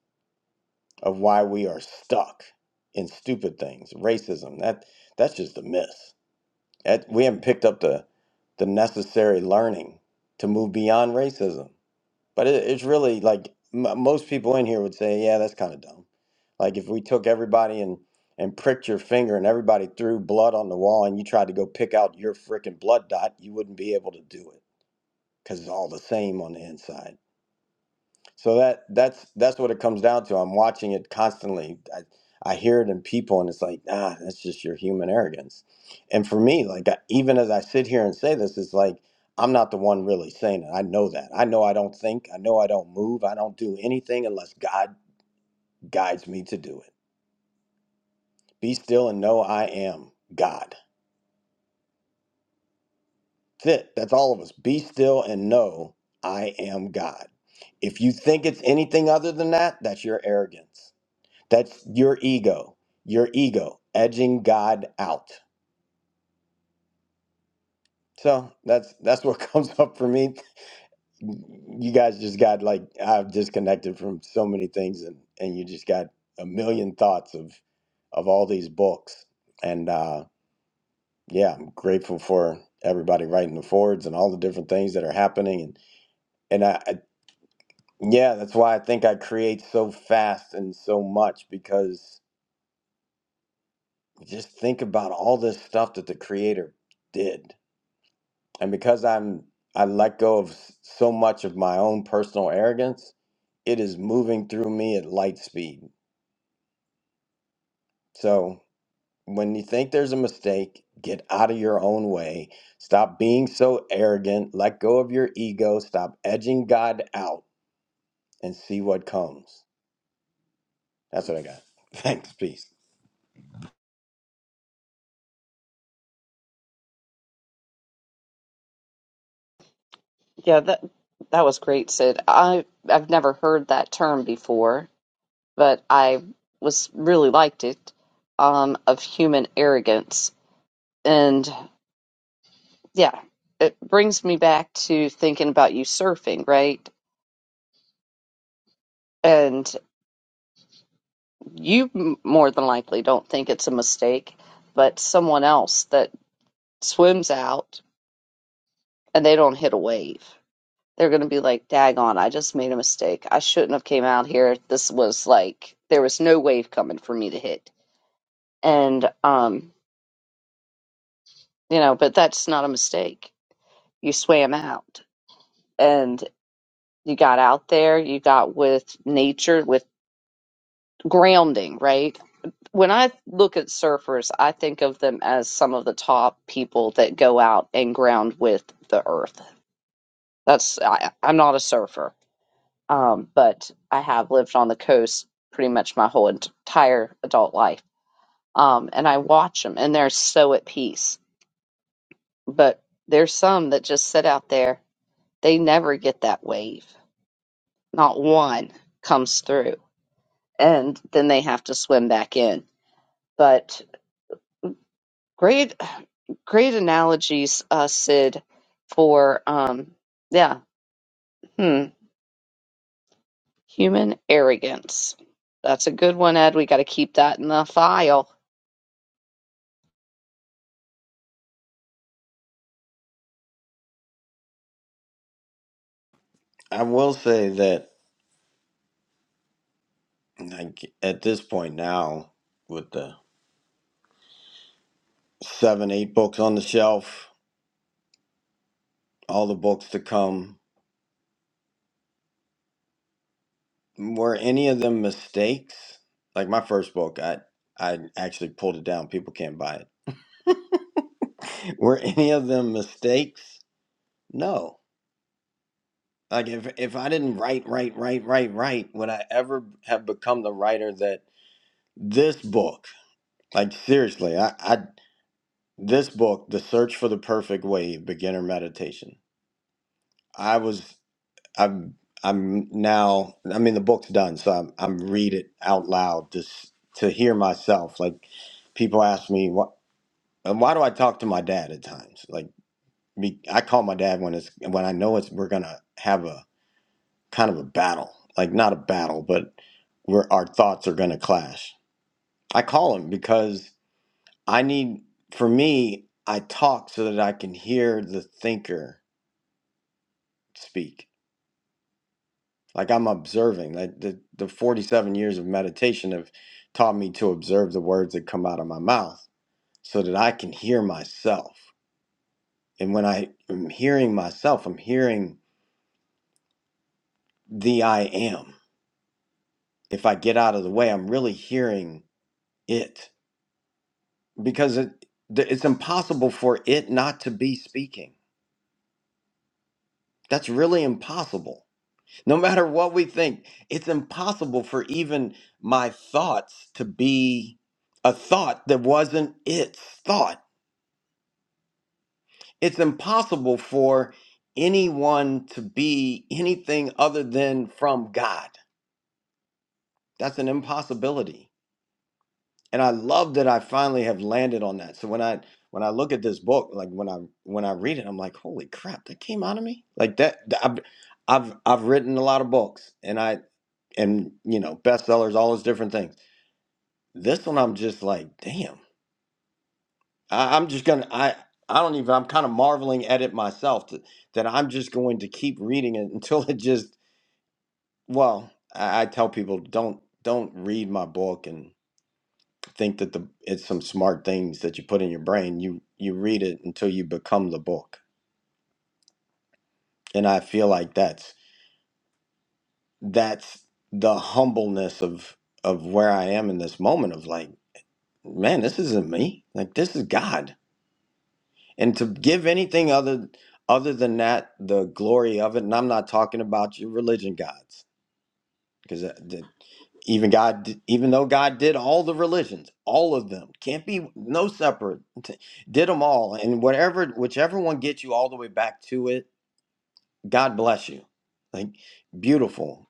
[SPEAKER 6] of why we are stuck in stupid things. Racism, that that's just a myth. That, we haven't picked up the the necessary learning to move beyond racism. But it, it's really like m- most people in here would say, yeah, that's kind of dumb. Like if we took everybody and and pricked your finger and everybody threw blood on the wall and you tried to go pick out your freaking blood dot, you wouldn't be able to do it because it's all the same on the inside so that that's that's what it comes down to. I'm watching it constantly. I, I hear it in people, and it's like, ah, that's just your human arrogance. And for me, like I, even as I sit here and say this, it's like I'm not the one really saying it. I know that. I know I don't think. I know I don't move. I don't do anything unless God guides me to do it. Be still and know I am God. That's it. That's all of us. Be still and know I am God. If you think it's anything other than that, that's your arrogance That's your ego, your ego edging God out. So that's that's what comes up for me. You guys just got like I've disconnected from so many things, and and you just got a million thoughts of of all these books. And uh, yeah, I'm grateful for everybody writing the forwards and all the different things that are happening. And and I, I yeah, that's why I think I create so fast and so much because just think about all this stuff that the Creator did And because I'm I let go of s- so much of my own personal arrogance, it is moving through me at light speed. So when you think there's a mistake, get out of your own way. Stop being so arrogant. Let go of your ego. Stop edging God out and see what comes. That's what I got. Thanks, peace.
[SPEAKER 2] Yeah, that that was great, Sid. I I've never heard that term before, but I was really liked it um, of human arrogance, and yeah, it brings me back to thinking about you surfing, right? And you m- more than likely don't think it's a mistake, but someone else that swims out and they don't hit a wave. they're going to be like, daggone, I just made a mistake. I shouldn't have came out here. This was like, there was no wave coming for me to hit. And, um, you know, but that's not a mistake. You swam out and you got out there, you got with nature, with grounding, right? When I look at surfers, I think of them as some of the top people that go out and ground with the earth. That's, I, I'm not a surfer Um, but I have lived on the coast pretty much my whole ent- entire adult life. Um, and I watch them, and they're so at peace. But there's some that just sit out there. They never get that wave. Not one comes through, and then they have to swim back in. But great, great analogies, uh, Sid, for um, yeah, hmm, human arrogance. That's a good one, Ed. We got to keep that in the file.
[SPEAKER 6] I will say that like, at this point now, with the seven, eight books on the shelf, all the books to come, Were any of them mistakes? Like my first book, I I actually pulled it down. People can't buy it. Were any of them mistakes? No. Like if if I didn't write, write, write, write, write, would I ever have become the writer that this book? Like seriously, I, I this book, The Search for the Perfect Wave, Beginner Meditation. I was I'm I'm now I mean the book's done, so I'm I'm read it out loud just to hear myself. Like people ask me what why do I talk to my dad at times? Like me, I call my dad when it's when I know it's we're gonna have a kind of a battle, like not a battle, but where our thoughts are gonna clash. I call him because I need for me. I talk so that I can hear the thinker speak Like I'm observing. Like the, the 47 years of meditation have taught me to observe the words that come out of my mouth so that I can hear myself. And when I am hearing myself, I'm hearing the I am. If I get out of the way, I'm really hearing it because it, th- it's impossible for it not to be speaking. That's really impossible No matter what we think, it's impossible for even my thoughts to be a thought that wasn't its thought. It's impossible for anyone to be anything other than from God. That's an impossibility. And I love that I finally have landed on that. So when I when I look at this book, like when I when I read it, I'm like, holy crap, that came out of me. Like that, I've I've I've written a lot of books, and I and you know bestsellers, all those different things This one, I'm just like, damn. I, I'm just gonna. I I don't even. I'm kind of marveling at it myself that that I'm just going to keep reading it until it just. Well, I, I tell people don't don't read my book and think that the it's some smart things that you put in your brain. You you read it until you become the book, and I feel like that's that's the humbleness of of where I am in this moment of like, man, this isn't me. Like this is God and to give anything other other than that the glory of it and i'm not talking about your religion gods because even god di- even though god did all the religions all of them can't be no separate t- did them all and whatever whichever one gets you all the way back to it god bless you like beautiful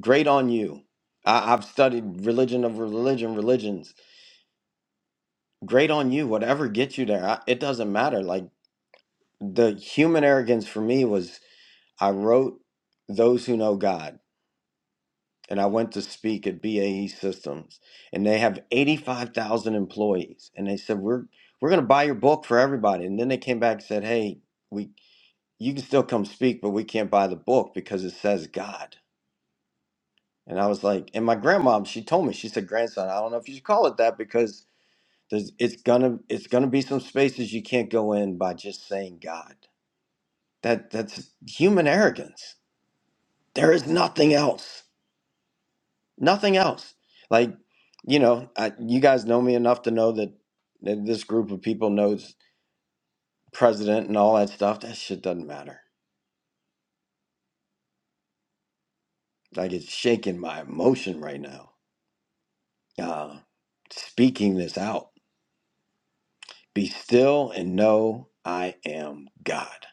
[SPEAKER 6] great on you I, i've studied religion of religion religions great on you whatever gets you there I, it doesn't matter like the human arrogance for me was I wrote Those Who Know God, and I went to speak at BAE Systems, and they have 85,000 employees. And they said, We're, we're going to buy your book for everybody. And then they came back and said, Hey, we, you can still come speak, but we can't buy the book because it says God. And I was like, and my grandma, she told me, she said, grandson, I don't know if you should call it that because there's, it's gonna, it's gonna be some spaces you can't go in by just saying God. That, that's human arrogance. There is nothing else. nothing else like you know I, you guys know me enough to know that, that this group of people knows president and all that stuff that shit doesn't matter like it's shaking my emotion right now uh speaking this out be still and know i am god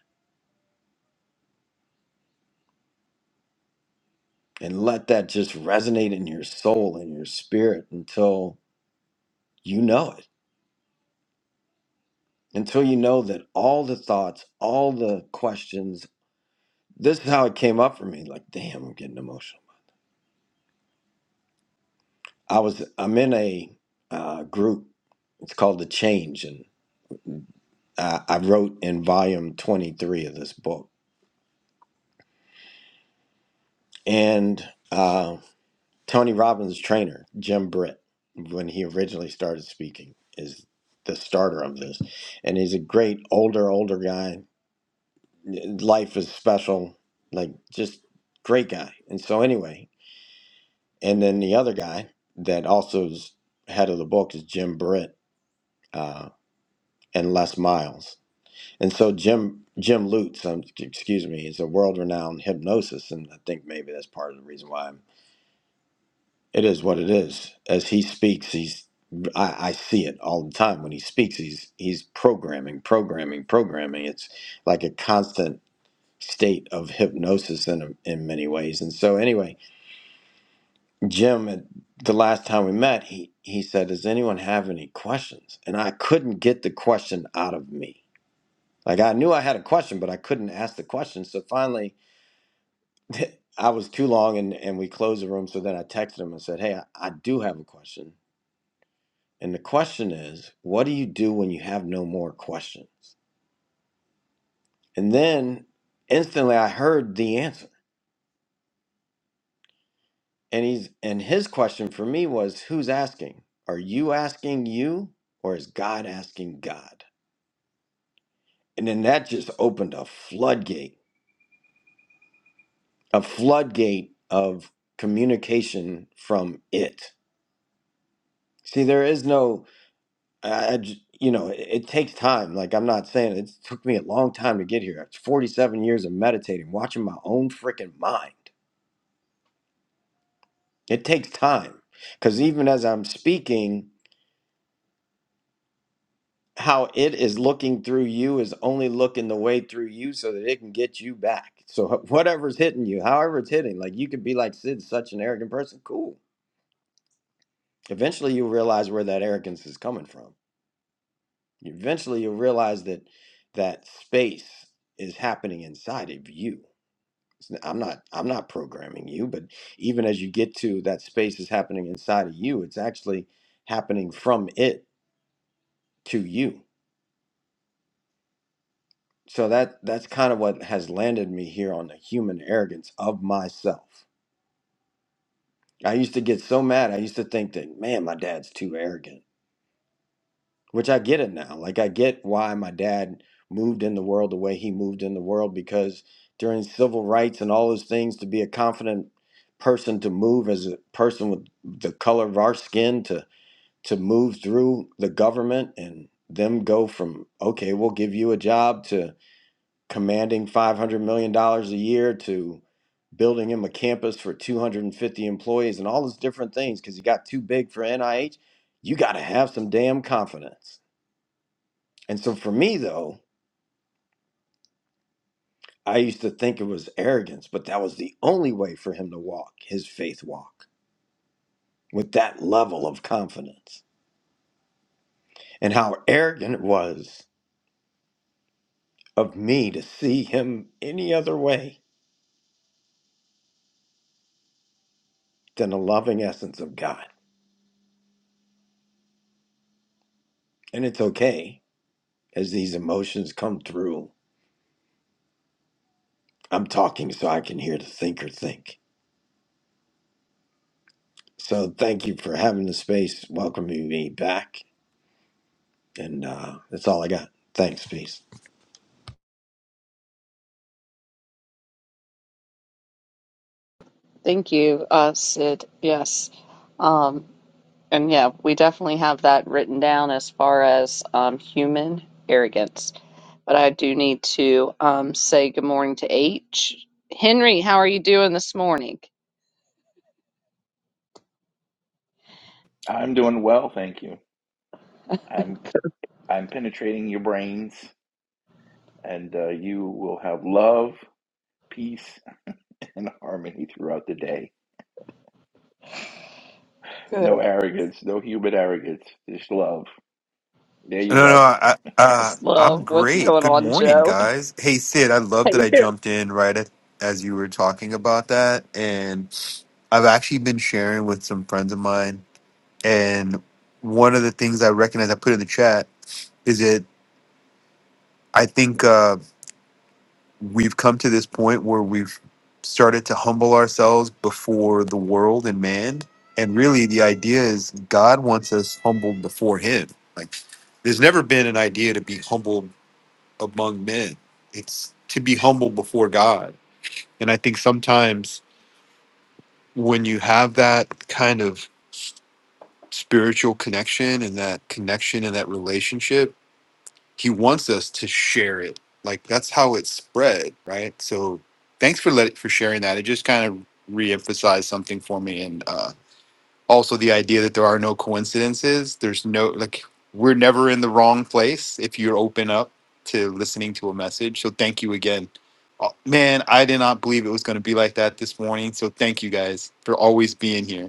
[SPEAKER 6] and let that just resonate in your soul and your spirit until you know it until you know that all the thoughts all the questions this is how it came up for me like damn i'm getting emotional I was I'm in a uh, group. It's called the Change, and uh, I wrote in volume 23 of this book. And uh, Tony Robbins' trainer, Jim Britt, when he originally started speaking, is the starter of this, and he's a great older older guy. Life is special, like just great guy. And so anyway, and then the other guy that also is head of the book is Jim Britt uh, and Les Miles And so Jim Jim Lutz, um, excuse me, is a world-renowned hypnosis, and I think maybe that's part of the reason why I'm, it is what it is. As he speaks, he's I, I see it all the time when he speaks. He's he's programming, programming, programming. It's like a constant state of hypnosis in in many ways. And so anyway, Jim, at the last time we met, he he said, "Does anyone have any questions?" And I couldn't get the question out of me. Like I knew I had a question, but I couldn't ask the question. So finally I was too long and, and we closed the room. So then I texted him and said, Hey, I, I do have a question. And the question is, what do you do when you have no more questions? And then instantly I heard the answer. And he's and his question for me was, Who's asking? Are you asking you or is God asking God? And then that just opened a floodgate, a floodgate of communication from it. See, there is no I, I j- you know, it, it takes time. Like I'm not saying it took me a long time to get here. It's 47 years of meditating, watching my own freaking mind. It takes time because even as I'm speaking, how it is looking through you is only looking the way through you so that it can get you back. So wh- whatever's hitting you, however it's hitting, like you could be like Sid's such an arrogant person. Cool. Eventually you'll realize where that arrogance is coming from. Eventually you'll realize that that space is happening inside of you I'm not I'm not programming you, but even as you get to that space is happening inside of you, it's actually happening from it to you. So that that's kind of what has landed me here on the human arrogance of myself. I used to get so mad. I used to think that, man, my dad's too arrogant, which I get it now. Like I get why my dad moved in the world the way he moved in the world because during civil rights and all those things to be a confident person to move as a person with the color of our skin to move through the government and them go from okay we'll give you a job to commanding 500 million dollars a year to building him a campus for 250 employees and all those different things because he got too big for NIH you got to have some damn confidence and so for me though I used to think it was arrogance but that was the only way for him to walk his faith walk with that level of confidence and how arrogant it was of me to see him any other way than the loving essence of God. And it's okay as these emotions come through. I'm talking so I can hear the thinker think. So thank you for having the space, welcoming me back. And uh, that's all I got. Thanks. Peace.
[SPEAKER 2] Thank you, uh, Sid. Yes. Um, and yeah, we definitely have that written down as far as um, human arrogance. But I do need to um, say good morning to H. Henry, how are you doing this morning?
[SPEAKER 7] I'm doing well, thank you. I'm I'm penetrating your brains, and uh, you will have love, peace, and harmony throughout the day. No
[SPEAKER 2] Good.
[SPEAKER 7] arrogance, no human arrogance, just love. There you
[SPEAKER 8] No, no,
[SPEAKER 2] Just,
[SPEAKER 7] go.
[SPEAKER 8] I, uh,
[SPEAKER 2] just love
[SPEAKER 8] I'm
[SPEAKER 2] what's
[SPEAKER 8] great.
[SPEAKER 2] going
[SPEAKER 8] Good
[SPEAKER 2] on,
[SPEAKER 8] morning,
[SPEAKER 2] Joe.
[SPEAKER 8] guys. Hey, Sid, I love
[SPEAKER 2] Hey.
[SPEAKER 8] that I jumped in right at, as you were talking about that. And I've actually been sharing with some friends of mine. And one of the things I recognize I put in the chat is that I think uh, we've come to this point where we've started to humble ourselves before the world and man. And really, the idea is God wants us humbled before Him. Like, there's never been an idea to be humble among men. It's to be humble before God. And I think sometimes when you have that kind of s- spiritual connection and that connection and that relationship, he wants us to share it. Like that's how it spread, right? So thanks for let for sharing that. It just kind of reemphasized something for me and. uh, also the idea that there are no coincidences there's no like we're never in the wrong place if you're open up to listening to a message so thank you again Oh, man i did not believe it was going to be like that this morning so thank you guys for always being here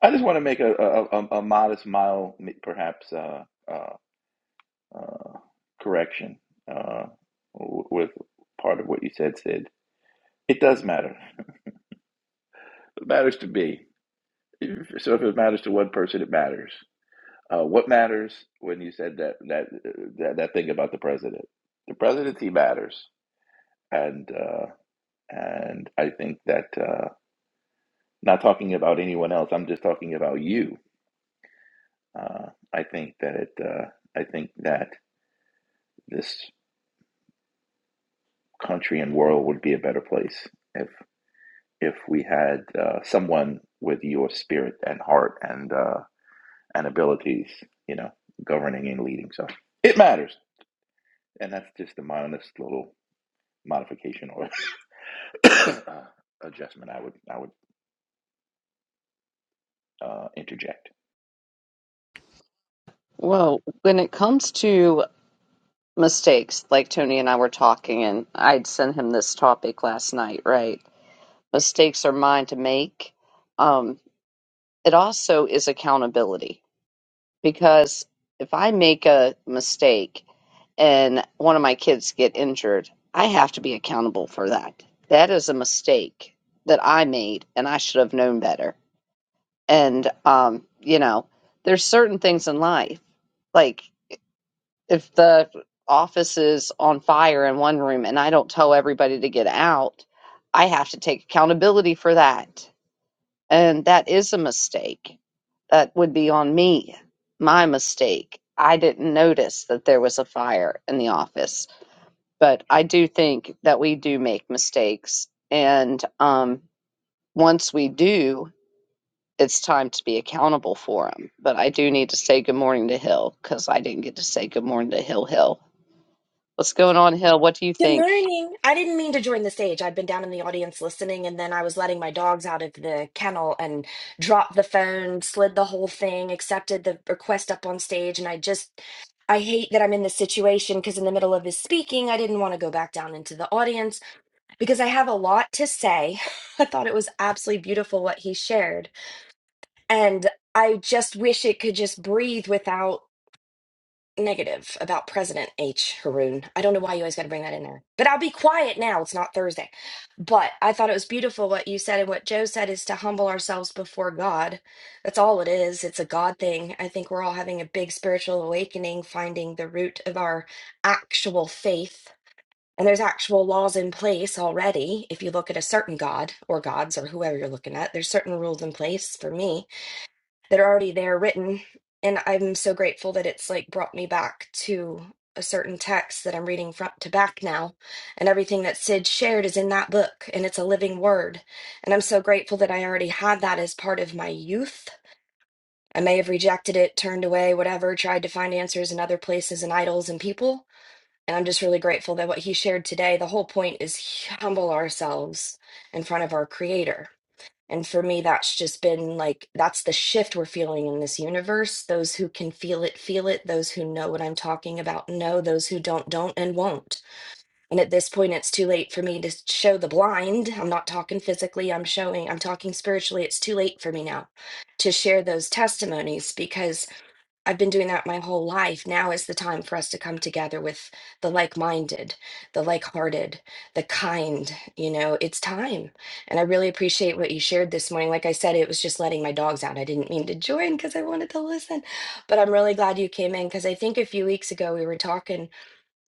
[SPEAKER 7] I just want to make a a, a, a modest, mild, perhaps uh, uh, uh, correction uh, w- with part of what you said, Sid. It does matter. It matters to me. So if it matters to one person, it matters. Uh, what matters when you said that that that, that thing about the president? The presidency matters, and uh, and I think that uh, not talking about anyone else. I'm just talking about you. Uh, I think that it. Uh, I think that this country and world would be a better place if if we had uh, someone with your spirit and heart and uh, and abilities, you know, governing and leading. So it matters, and that's just a modest little modification or. uh, adjustment I would I would uh, interject.
[SPEAKER 2] Well, when it comes to mistakes, like Tony and I were talking, and I'd sent him this topic last night, right? Mistakes are mine to make. Um, it also is accountability because if I make a mistake and one of my kids get injured, I have to be accountable for that. That is a mistake that I made and I should have known better. And um, you know, there's certain things in life. Like if the office is on fire in one room and I don't tell everybody to get out, I have to take accountability for that and that is a mistake. That would be on me, my mistake. I didn't notice that there was a fire in the office. But I do think that we do make mistakes. And um, once we do, it's time to be accountable for them. But I do need to say good morning to Hill because I didn't get to say good morning to Hill Hill. What's going on, Hill? What do you
[SPEAKER 9] Good
[SPEAKER 2] think?
[SPEAKER 9] morning. I didn't mean to join the stage. I'd been down in the audience listening, and then I was letting my dogs out of the kennel and dropped the phone, slid the whole thing, accepted the request up on stage. And I just, I hate that I'm in this situation because in the middle of his speaking, I didn't want to go back down into the audience because I have a lot to say. I thought it was absolutely beautiful what he shared. And I just wish it could just breathe without negative about President H. Haroon. I don't know why you always got to bring that in there, but I'll be quiet now. It's not Thursday. But I thought it was beautiful what you said and what Joe said is to humble ourselves before God. That's all it is. It's a God thing. I think we're all having a big spiritual awakening, finding the root of our actual faith. And there's actual laws in place already. If you look at a certain God or gods or whoever you're looking at, there's certain rules in place for me that are already there written. And I'm so grateful that it's like brought me back to a certain text that I'm reading front to back now. And everything that Sid shared is in that book and it's a living word. And I'm so grateful that I already had that as part of my youth. I may have rejected it, turned away, whatever, tried to find answers in other places and idols and people. And I'm just really grateful that what he shared today, the whole point is humble ourselves in front of our creator and for me, that's just been like, that's the shift we're feeling in this universe. Those who can feel it, feel it. Those who know what I'm talking about, know. Those who don't, don't, and won't. And at this point, it's too late for me to show the blind. I'm not talking physically, I'm showing, I'm talking spiritually. It's too late for me now to share those testimonies because I've been doing that my whole life. Now is the time for us to come together with the like minded, the like hearted, the kind. You know, it's time. And I really appreciate what you shared this morning. Like I said, it was just letting my dogs out. I didn't mean to join because I wanted to listen, but I'm really glad you came in because I think a few weeks ago we were talking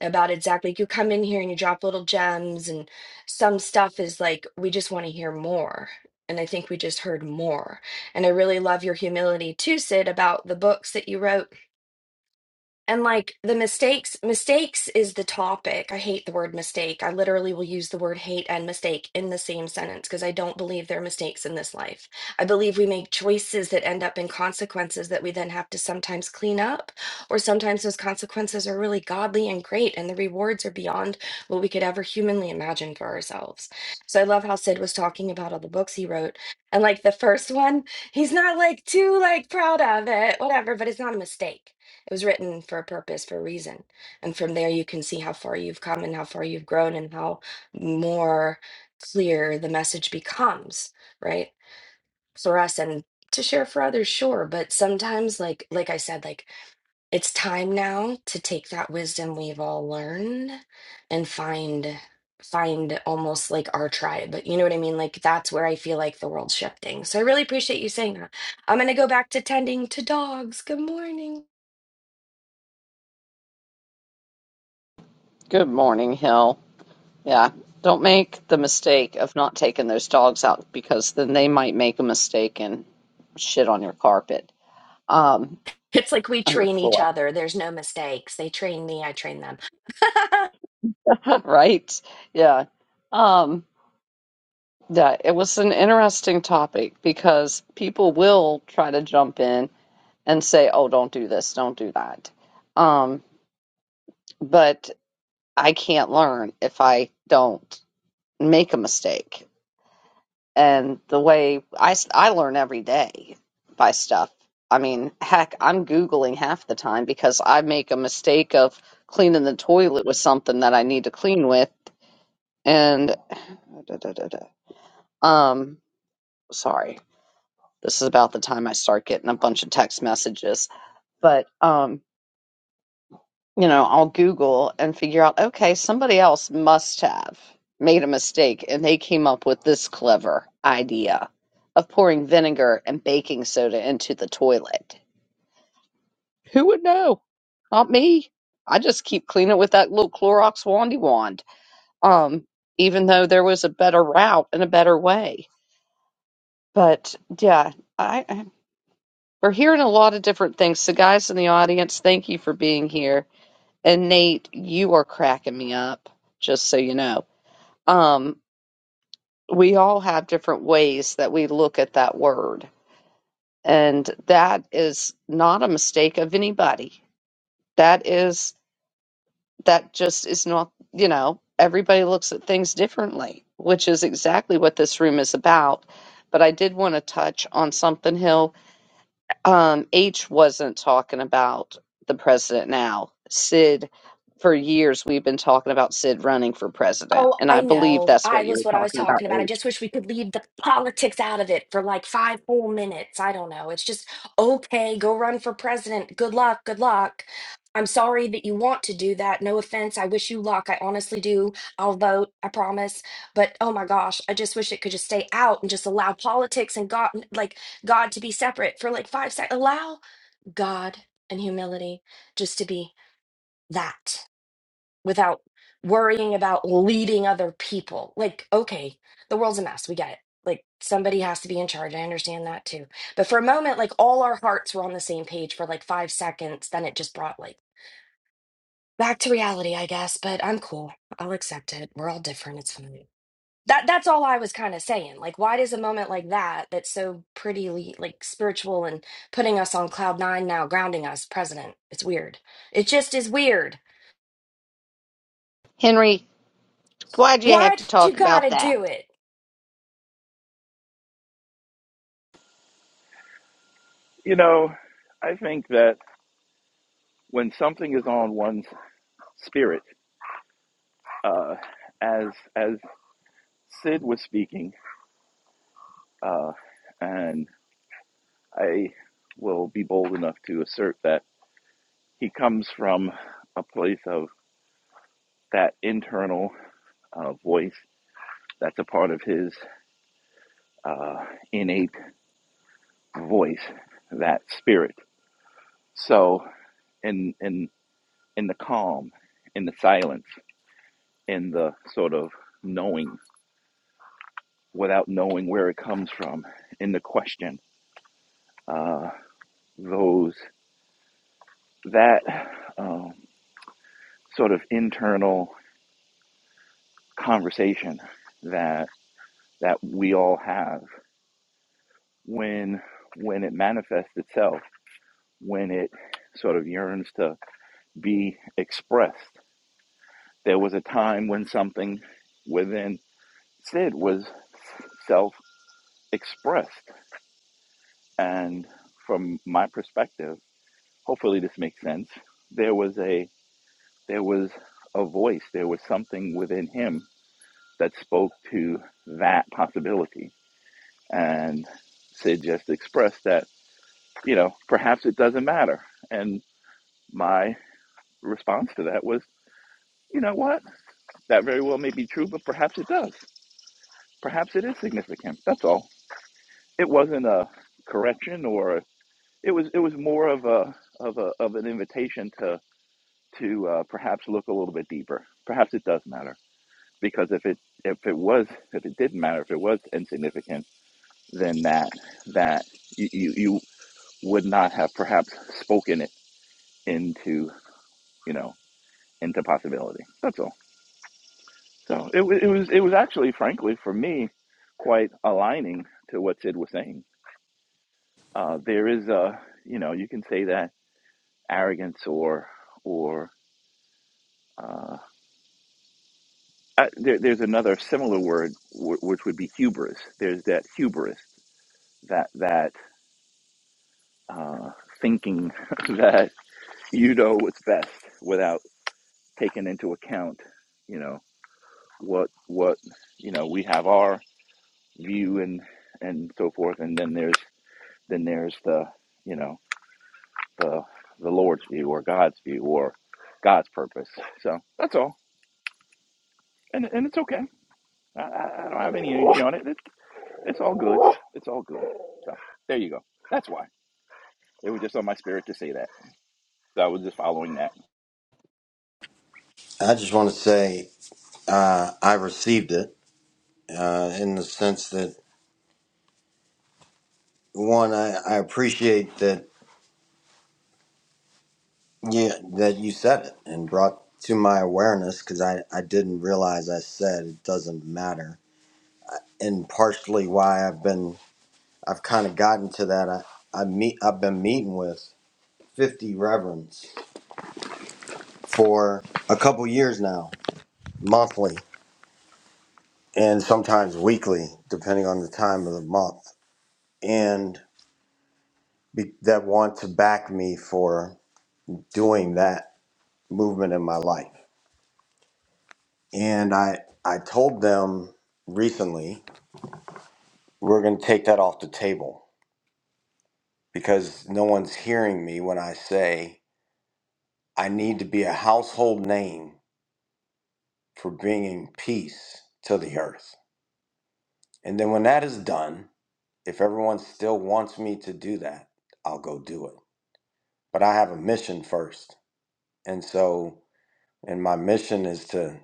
[SPEAKER 9] about exactly you come in here and you drop little gems, and some stuff is like, we just want to hear more. And I think we just heard more. And I really love your humility too, Sid, about the books that you wrote and like the mistakes, mistakes is the topic. I hate the word mistake. I literally will use the word hate and mistake in the same sentence because I don't believe there are mistakes in this life. I believe we make choices that end up in consequences that we then have to sometimes clean up, or sometimes those consequences are really godly and great, and the rewards are beyond what we could ever humanly imagine for ourselves. So I love how Sid was talking about all the books he wrote. And like the first one, he's not like too like proud of it, whatever, but it's not a mistake it was written for a purpose, for a reason. And from there, you can see how far you've come and how far you've grown and how more clear the message becomes, right? For us and to share for others, sure. But sometimes, like, like I said, like it's time now to take that wisdom we've all learned and find find almost like our tribe. But you know what I mean? Like that's where I feel like the world's shifting. So I really appreciate you saying that. I'm gonna go back to tending to dogs. Good morning.
[SPEAKER 2] Good morning, Hill. Yeah. Don't make the mistake of not taking those dogs out because then they might make a mistake and shit on your carpet, um,
[SPEAKER 9] It's like we
[SPEAKER 2] or your
[SPEAKER 9] train each
[SPEAKER 2] floor,
[SPEAKER 9] other. There's no mistakes. They train me, I train them.
[SPEAKER 2] right? Yeah. Um, yeah, it was an interesting topic because people will try to jump in and say, "Oh, don't do this, don't do that." Um, but I can't learn if I don't make a mistake. and the way I, s- I learn every day by stuff. I mean, heck, I'm Googling half the time because I make a mistake of cleaning the toilet with something that I need to clean with. And, um, sorry, this is about the time I start getting a bunch of text messages. But, um, you know, I'll Google and figure out, okay, somebody else must have made a mistake and they came up with this clever idea of pouring vinegar and baking soda into the toilet. Who would know? Not me. I just keep cleaning with that little Clorox wandy wand. Um, even though there was a better route and a better way. But yeah, I, I we're hearing a lot of different things. So guys in the audience, thank you for being here And Nate, you are cracking me up, just so you know. Um, we all have different ways that we look at that word. And that is not a mistake of anybody. That is, that just is not, you know, everybody looks at things differently, which is exactly what this room is about. But I did want to touch on something, Hill, Um, H wasn't talking about the president now. Sid, for years, we've been talking about Sid running for president,
[SPEAKER 9] oh,
[SPEAKER 2] and I
[SPEAKER 9] I
[SPEAKER 2] believe
[SPEAKER 9] know.
[SPEAKER 2] that's what
[SPEAKER 9] I
[SPEAKER 2] you
[SPEAKER 9] was what
[SPEAKER 2] were
[SPEAKER 9] I was
[SPEAKER 2] talking about,
[SPEAKER 9] talking about. I
[SPEAKER 2] H.
[SPEAKER 9] just wish we could leave the politics out of it for like five whole minutes. I don't know. It's just okay, go run for president. Good luck. Good luck. I'm sorry that you want to do that. No offense. I wish you luck. I honestly do. I'll vote. I promise. But oh my gosh, I just wish it could just stay out and just allow politics and God, like God, to be separate for like five seconds. Allow God and humility just to be that without worrying about leading other people. Like, okay, the world's a mess. We get it. Like, somebody has to be in charge. I understand that too. But for a moment, like, all our hearts were on the same page for like five seconds. Then it just brought like back to reality, I guess. But I'm cool. I'll accept it. We're all different. It's fine that that's all I was kind of saying. Like, why does a moment like that, that's so prettily like spiritual and putting us on cloud nine now, grounding us, president? It's weird. It just is weird.
[SPEAKER 2] Henry, why'd you
[SPEAKER 9] Why
[SPEAKER 2] have
[SPEAKER 9] would
[SPEAKER 2] to
[SPEAKER 9] you
[SPEAKER 2] talk about
[SPEAKER 9] gotta
[SPEAKER 2] that?
[SPEAKER 9] do it?
[SPEAKER 7] You know, I think that when something is on one's spirit, uh, as as Sid was speaking, uh, and I will be bold enough to assert that he comes from a place of that internal uh, voice that's a part of his uh, innate voice, that spirit. So, in in in the calm, in the silence. in the sort of knowing without knowing where it comes from in the question uh, those that um, sort of internal conversation that that we all have when when it manifests itself when it sort of yearns to be expressed there was a time when something within sid was self expressed and from my perspective hopefully this makes sense there was a there was a voice there was something within him that spoke to that possibility and sid just expressed that you know perhaps it doesn't matter and my response to that was you know what that very well may be true but perhaps it does perhaps it is significant that's all it wasn't a correction or it was it was more of a of a of an invitation to to uh, perhaps look a little bit deeper perhaps it does matter because if it if it was if it didn't matter if it was insignificant then that that you you, you would not have perhaps spoken it into you know into possibility that's all so it, wa- it was it was actually frankly for me quite aligning to what sid was saying uh, there is a you know you can say that arrogance or or uh, uh, there, there's another similar word w- which would be hubris there's that hubris that that uh, thinking that you know what's best without taking into account, you know, what what you know we have our view and and so forth, and then there's then there's the you know the the Lord's view or God's view or God's purpose. So that's all, and and it's okay. I, I I don't have any energy on it. It's it's all good. It's all good. So there you go. That's why it was just on my spirit to say that. So I was just following that.
[SPEAKER 6] I just want to say uh, I received it uh, in the sense that one, I, I appreciate that yeah that you said it and brought to my awareness because I, I didn't realize I said it doesn't matter and partially why I've been I've kind of gotten to that. I I meet I've been meeting with 50 reverends for a couple years now, monthly and sometimes weekly, depending on the time of the month, and be, that want to back me for doing that movement in my life. And I I told them recently we're going to take that off the table because no one's hearing me when I say I need to be a household name for bringing peace to the earth. And then when that is done, if everyone still wants me to do that, I'll go do it. But I have a mission first. And so, and my mission is to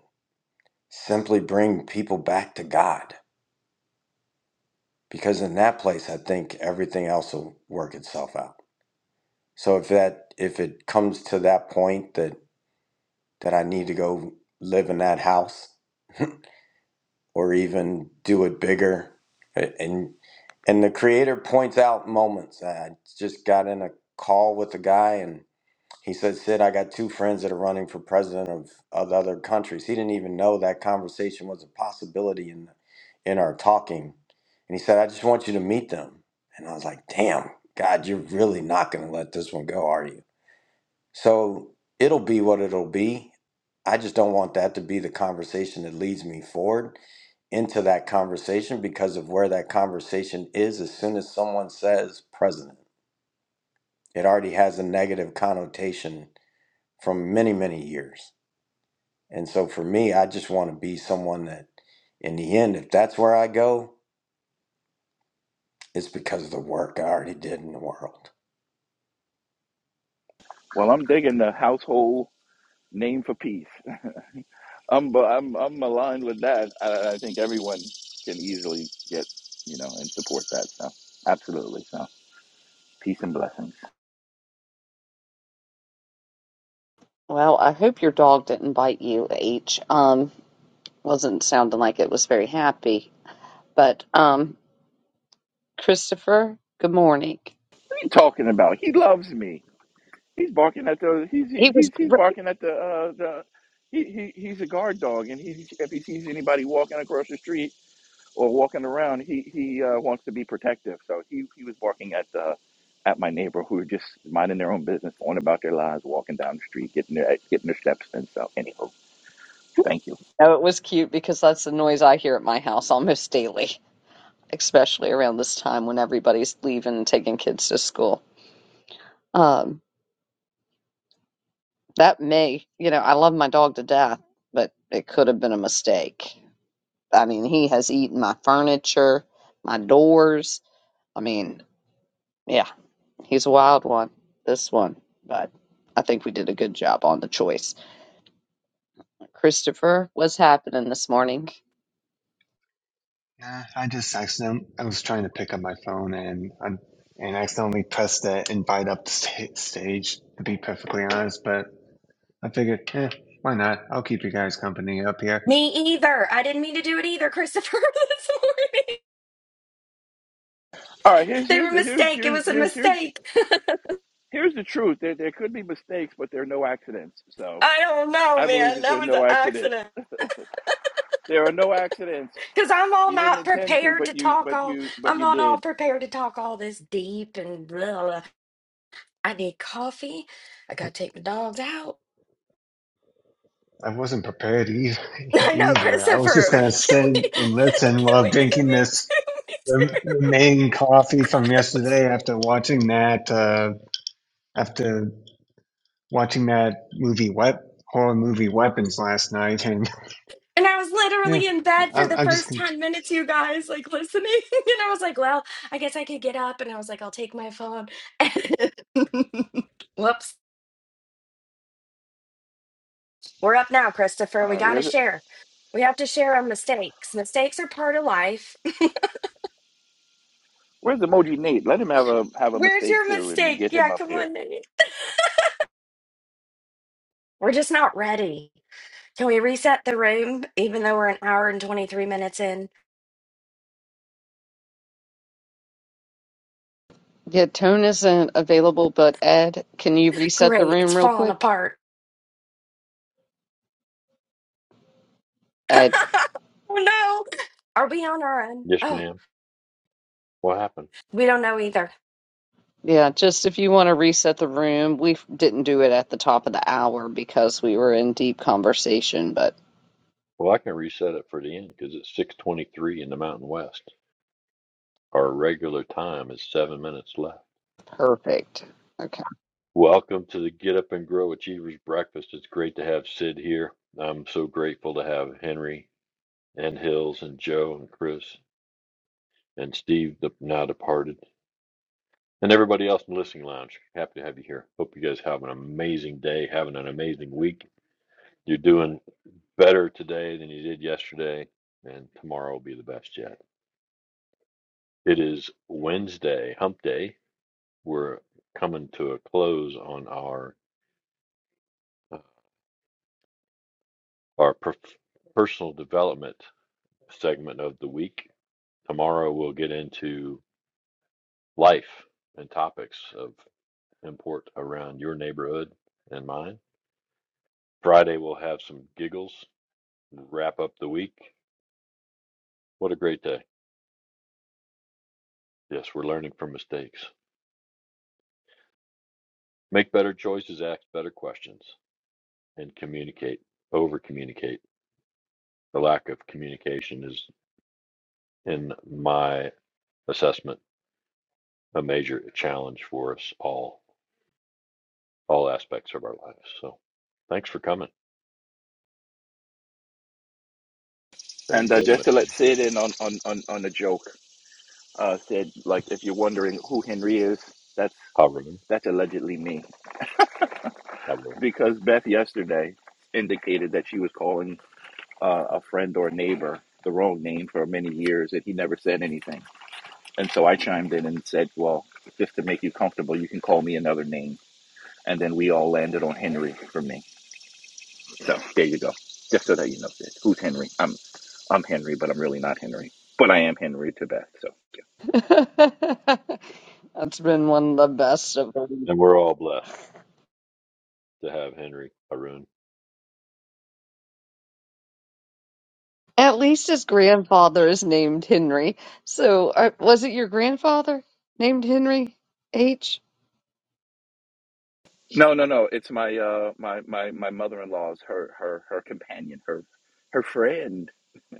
[SPEAKER 6] simply bring people back to God because in that place, I think everything else will work itself out. So if that, if it comes to that point that, that I need to go live in that house, or even do it bigger. And and the creator points out moments. I just got in a call with a guy and he said, Sid, I got two friends that are running for president of, of other countries. He didn't even know that conversation was a possibility in in our talking. And he said, I just want you to meet them. And I was like, damn, God, you're really not gonna let this one go, are you? So it'll be what it'll be. I just don't want that to be the conversation that leads me forward into that conversation because of where that conversation is. As soon as someone says president, it already has a negative connotation from many, many years. And so for me, I just want to be someone that, in the end, if that's where I go, it's because of the work I already did in the world.
[SPEAKER 7] Well, I'm digging the household name for peace. I'm I'm I'm aligned with that. I, I think everyone can easily get you know and support that. So absolutely. So peace and blessings.
[SPEAKER 2] Well, I hope your dog didn't bite you, H. Um, wasn't sounding like it was very happy. But um, Christopher, good morning.
[SPEAKER 7] What are you talking about? He loves me. He's barking at the. He's
[SPEAKER 2] He was
[SPEAKER 7] he's he's
[SPEAKER 2] great.
[SPEAKER 7] barking at the uh, the. He, he he's a guard dog, and he if he sees anybody walking across the street or walking around, he he uh, wants to be protective. So he he was barking at the. At my neighbor, who were just minding their own business, going about their lives, walking down the street, getting their getting their steps in. So, anywho, Thank you.
[SPEAKER 2] No, it was cute because that's the noise I hear at my house almost daily. especially around this time when everybody's leaving and taking kids to school. Um, that may, you know, I love my dog to death, but it could have been a mistake. I mean, he has eaten my furniture, my doors. I mean, yeah, he's a wild one, this one, but I think we did a good job on the choice. Christopher, what's happening this morning?
[SPEAKER 10] Nah, I just accidentally I was trying to pick up my phone and I, and accidentally pressed the invite up the sta- stage. To be perfectly honest, but I figured, eh, why not? I'll keep you guys company up here.
[SPEAKER 9] Me either. I didn't mean to do it either, Christopher. this morning,
[SPEAKER 7] All right, here's
[SPEAKER 9] they were
[SPEAKER 7] here's
[SPEAKER 9] a
[SPEAKER 7] the here's
[SPEAKER 9] mistake. It
[SPEAKER 7] here's
[SPEAKER 9] was a
[SPEAKER 7] here's here's
[SPEAKER 9] mistake.
[SPEAKER 7] here's the truth. There there could be mistakes, but there are no accidents. So
[SPEAKER 9] I don't know,
[SPEAKER 7] I believe
[SPEAKER 9] man.
[SPEAKER 7] that
[SPEAKER 9] That
[SPEAKER 7] there's
[SPEAKER 9] was an
[SPEAKER 7] no accidents.
[SPEAKER 9] accident.
[SPEAKER 7] There are no accidents.
[SPEAKER 9] Cause I'm all
[SPEAKER 7] You didn't
[SPEAKER 9] not
[SPEAKER 7] intend to,
[SPEAKER 9] prepared
[SPEAKER 7] but
[SPEAKER 9] to
[SPEAKER 7] you
[SPEAKER 9] talk
[SPEAKER 7] but
[SPEAKER 9] all.
[SPEAKER 7] you but
[SPEAKER 9] I'm
[SPEAKER 7] you
[SPEAKER 9] not all
[SPEAKER 7] did.
[SPEAKER 9] prepared to talk all this deep and blah. blah. I need coffee. I gotta take my dogs out.
[SPEAKER 10] I wasn't prepared either.
[SPEAKER 9] I know,
[SPEAKER 10] either. I was
[SPEAKER 9] Christopher.
[SPEAKER 10] just gonna
[SPEAKER 9] Can we
[SPEAKER 10] sit and listen
[SPEAKER 9] can
[SPEAKER 10] while
[SPEAKER 9] we can
[SPEAKER 10] drinking
[SPEAKER 9] we
[SPEAKER 10] this
[SPEAKER 9] do? Me
[SPEAKER 10] rem-
[SPEAKER 9] too.
[SPEAKER 10] remaining coffee from yesterday after watching that uh, after watching that movie, what horror movie Weapons last night, and
[SPEAKER 9] And I was
[SPEAKER 10] yeah,
[SPEAKER 9] literally in bed
[SPEAKER 10] I,
[SPEAKER 9] for
[SPEAKER 10] I'm
[SPEAKER 9] the
[SPEAKER 10] I'm just
[SPEAKER 9] first
[SPEAKER 10] con-
[SPEAKER 9] 10 minutes, you guys, like listening. And I was like, well, I guess I could get up. And I was like, I'll take my phone. Whoops. We're up now, Christopher.
[SPEAKER 7] All
[SPEAKER 9] We
[SPEAKER 7] right,
[SPEAKER 9] gotta
[SPEAKER 7] where's it?
[SPEAKER 9] share. We have to share our mistakes. Mistakes are part of life.
[SPEAKER 7] Where's emoji Nate? Let him have a have a
[SPEAKER 9] Where's
[SPEAKER 7] mistake
[SPEAKER 9] your
[SPEAKER 7] too, and
[SPEAKER 9] mistake?
[SPEAKER 7] get him
[SPEAKER 9] Yeah,
[SPEAKER 7] up
[SPEAKER 9] come
[SPEAKER 7] here.
[SPEAKER 9] on, Nate. We're just not ready. Can we reset the room, even though we're an hour and 23 minutes in?
[SPEAKER 2] Yeah, Tone isn't available, but Ed, can you reset the
[SPEAKER 9] Great. It's
[SPEAKER 2] room real
[SPEAKER 9] falling
[SPEAKER 2] quick?
[SPEAKER 9] apart.
[SPEAKER 2] Ed.
[SPEAKER 9] Oh no. Are we on our own?
[SPEAKER 4] Yes,
[SPEAKER 9] Oh,
[SPEAKER 4] ma'am. What happened?
[SPEAKER 9] we don't know either.
[SPEAKER 2] Yeah, just if you want to reset the room, we f- didn't do it at the top of the hour because we were in deep conversation, but
[SPEAKER 4] Well, I can reset it for the end because it's 6:23 in the Mountain West. Our regular time is seven minutes left.
[SPEAKER 2] perfect. Okay.
[SPEAKER 4] Welcome to the Get Up and Grow Achievers Breakfast. It's great to have Sid here. I'm so grateful to have Henry and Hills and Joe and Chris and Steve, the now departed, and everybody else in the listening lounge. Happy to have you here. Hope you guys have an amazing day, having an amazing week. You're doing better today than you did yesterday, and tomorrow will be the best yet. It is Wednesday, Hump Day. We're coming to a close on our uh, our per- personal development segment of the week. Tomorrow we'll get into life and topics of import around your neighborhood and mine. Friday we'll have some giggles, wrap up the week. What a great day. Yes, we're learning from mistakes. Make better choices, ask better questions. and communicate, over communicate. The lack of communication is, in my assessment, a major challenge for us all, all aspects of our lives. So thanks for coming. There you
[SPEAKER 7] And uh,
[SPEAKER 4] go,
[SPEAKER 7] just to
[SPEAKER 4] Mr.
[SPEAKER 7] let Sid in on on on on a joke, uh, Sid, like if you're wondering who Henry is, that's
[SPEAKER 4] Haroon.
[SPEAKER 7] that's allegedly me
[SPEAKER 4] Haroon.
[SPEAKER 7] because Beth yesterday indicated that she was calling. uh, a friend or neighbor the wrong name for many years, and he never said anything. And so I chimed in and said, "Well, just to make you comfortable, you can call me another name." And then we all landed on Henry for me. So there you go. Just so that you know, that. who's Henry? I'm I'm Henry, but I'm really not Henry. But I am Henry to Beth. So
[SPEAKER 2] That's been one of the best of them.
[SPEAKER 4] And we're all blessed to have Henry Haroon.
[SPEAKER 2] At least his grandfather is named Henry. So, uh, was it your grandfather named Henry H?
[SPEAKER 7] no, no, no. It's my uh my my my mother in law's her her her companion her her friend.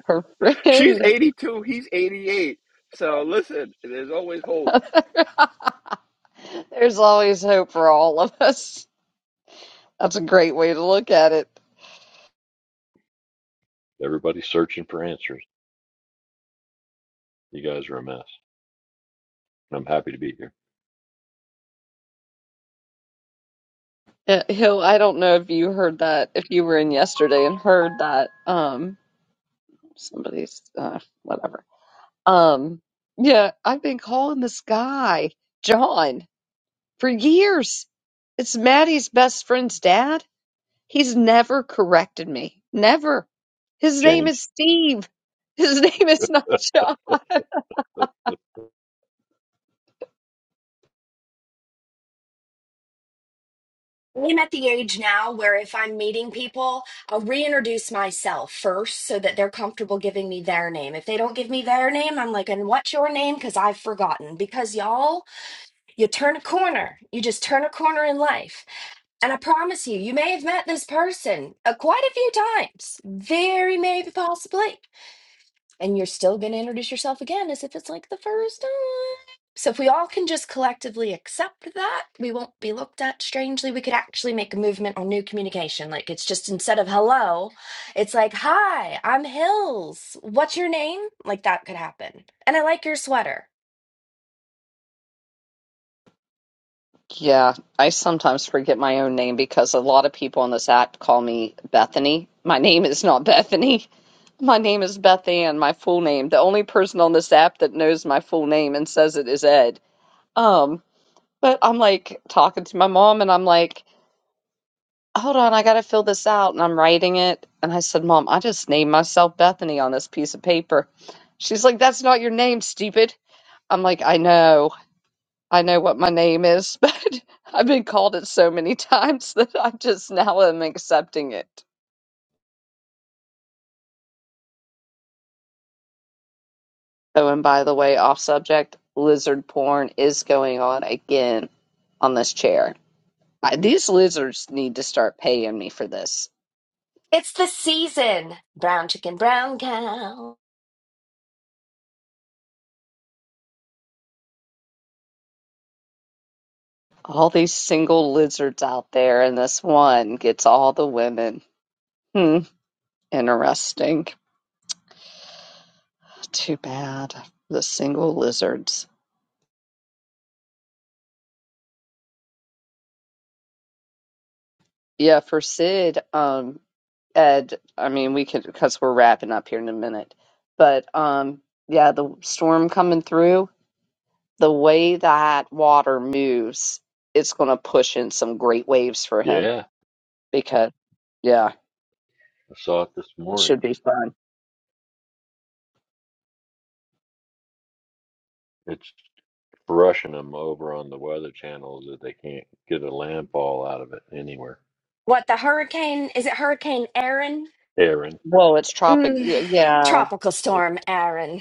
[SPEAKER 2] Her
[SPEAKER 7] She's
[SPEAKER 2] friend.
[SPEAKER 7] eighty two. He's eighty eight. So listen, there's always hope.
[SPEAKER 2] There's always hope for all of us. That's a great way to look at it.
[SPEAKER 4] Everybody's searching for answers. You guys are a mess. I'm happy to be here.
[SPEAKER 2] Uh, Hill, I don't know if you heard that, if you were in yesterday and heard that, um, somebody's, uh, whatever. Um, yeah, I've been calling this guy, John, for years. It's Maddie's best friend's dad. He's never corrected me. Never. His name
[SPEAKER 4] James.
[SPEAKER 2] is Steve. His name is not John.
[SPEAKER 9] I'm at the age now where if I'm meeting people, I'll reintroduce myself first so that they're comfortable giving me their name. If they don't give me their name, I'm like, and what's your name? Because I've forgotten. Because y'all, you turn a corner. You just turn a corner in life. And I promise you, you may have met this person uh, quite a few times. Very maybe possibly. and you're still going to introduce yourself again as if it's like the first time. So if we all can just collectively accept that, we won't be looked at strangely. We could actually make a movement on new communication. Like it's just instead of hello, it's like, "Hi, I'm Hills. What's your name?" Like that could happen. And I like your sweater.
[SPEAKER 2] Yeah, I sometimes forget my own name because a lot of people on this app call me Bethany. My name is not Bethany. My name is Beth Ann, my full name. The only person on this app that knows my full name and says it is Ed. Um, but I'm like talking to my mom and I'm like, hold on, I gotta fill this out. And I'm writing it. And I said, Mom, I just named myself Bethany on this piece of paper. She's like, That's not your name, stupid. I'm like, I know. I know what my name is, but I've been called it so many times that I just now am accepting it. Oh, and by the way, off subject, lizard porn is going on again on this chair. I, these lizards need to start paying me for this.
[SPEAKER 9] It's the season. Brown chicken, brown cow.
[SPEAKER 2] All these single lizards out there, and this one gets all the women. Hmm, interesting. Too bad. The single lizards. Yeah, for Sid, um, Ed, I mean, we could because we're wrapping up here in a minute, but um, yeah, the storm coming through, the way that water moves, it's going to push in some great waves for him
[SPEAKER 4] yeah,
[SPEAKER 2] because, yeah,
[SPEAKER 4] I saw it this
[SPEAKER 2] it
[SPEAKER 4] morning.
[SPEAKER 2] should be fun.
[SPEAKER 4] It's brushing them over on the weather channels, that they can't get a landfall out of it anywhere.
[SPEAKER 9] What the hurricane? Is it Hurricane Aaron?
[SPEAKER 4] Aaron.
[SPEAKER 2] Well, it's tropic,
[SPEAKER 9] Mm,
[SPEAKER 2] yeah,
[SPEAKER 9] tropical storm Aaron.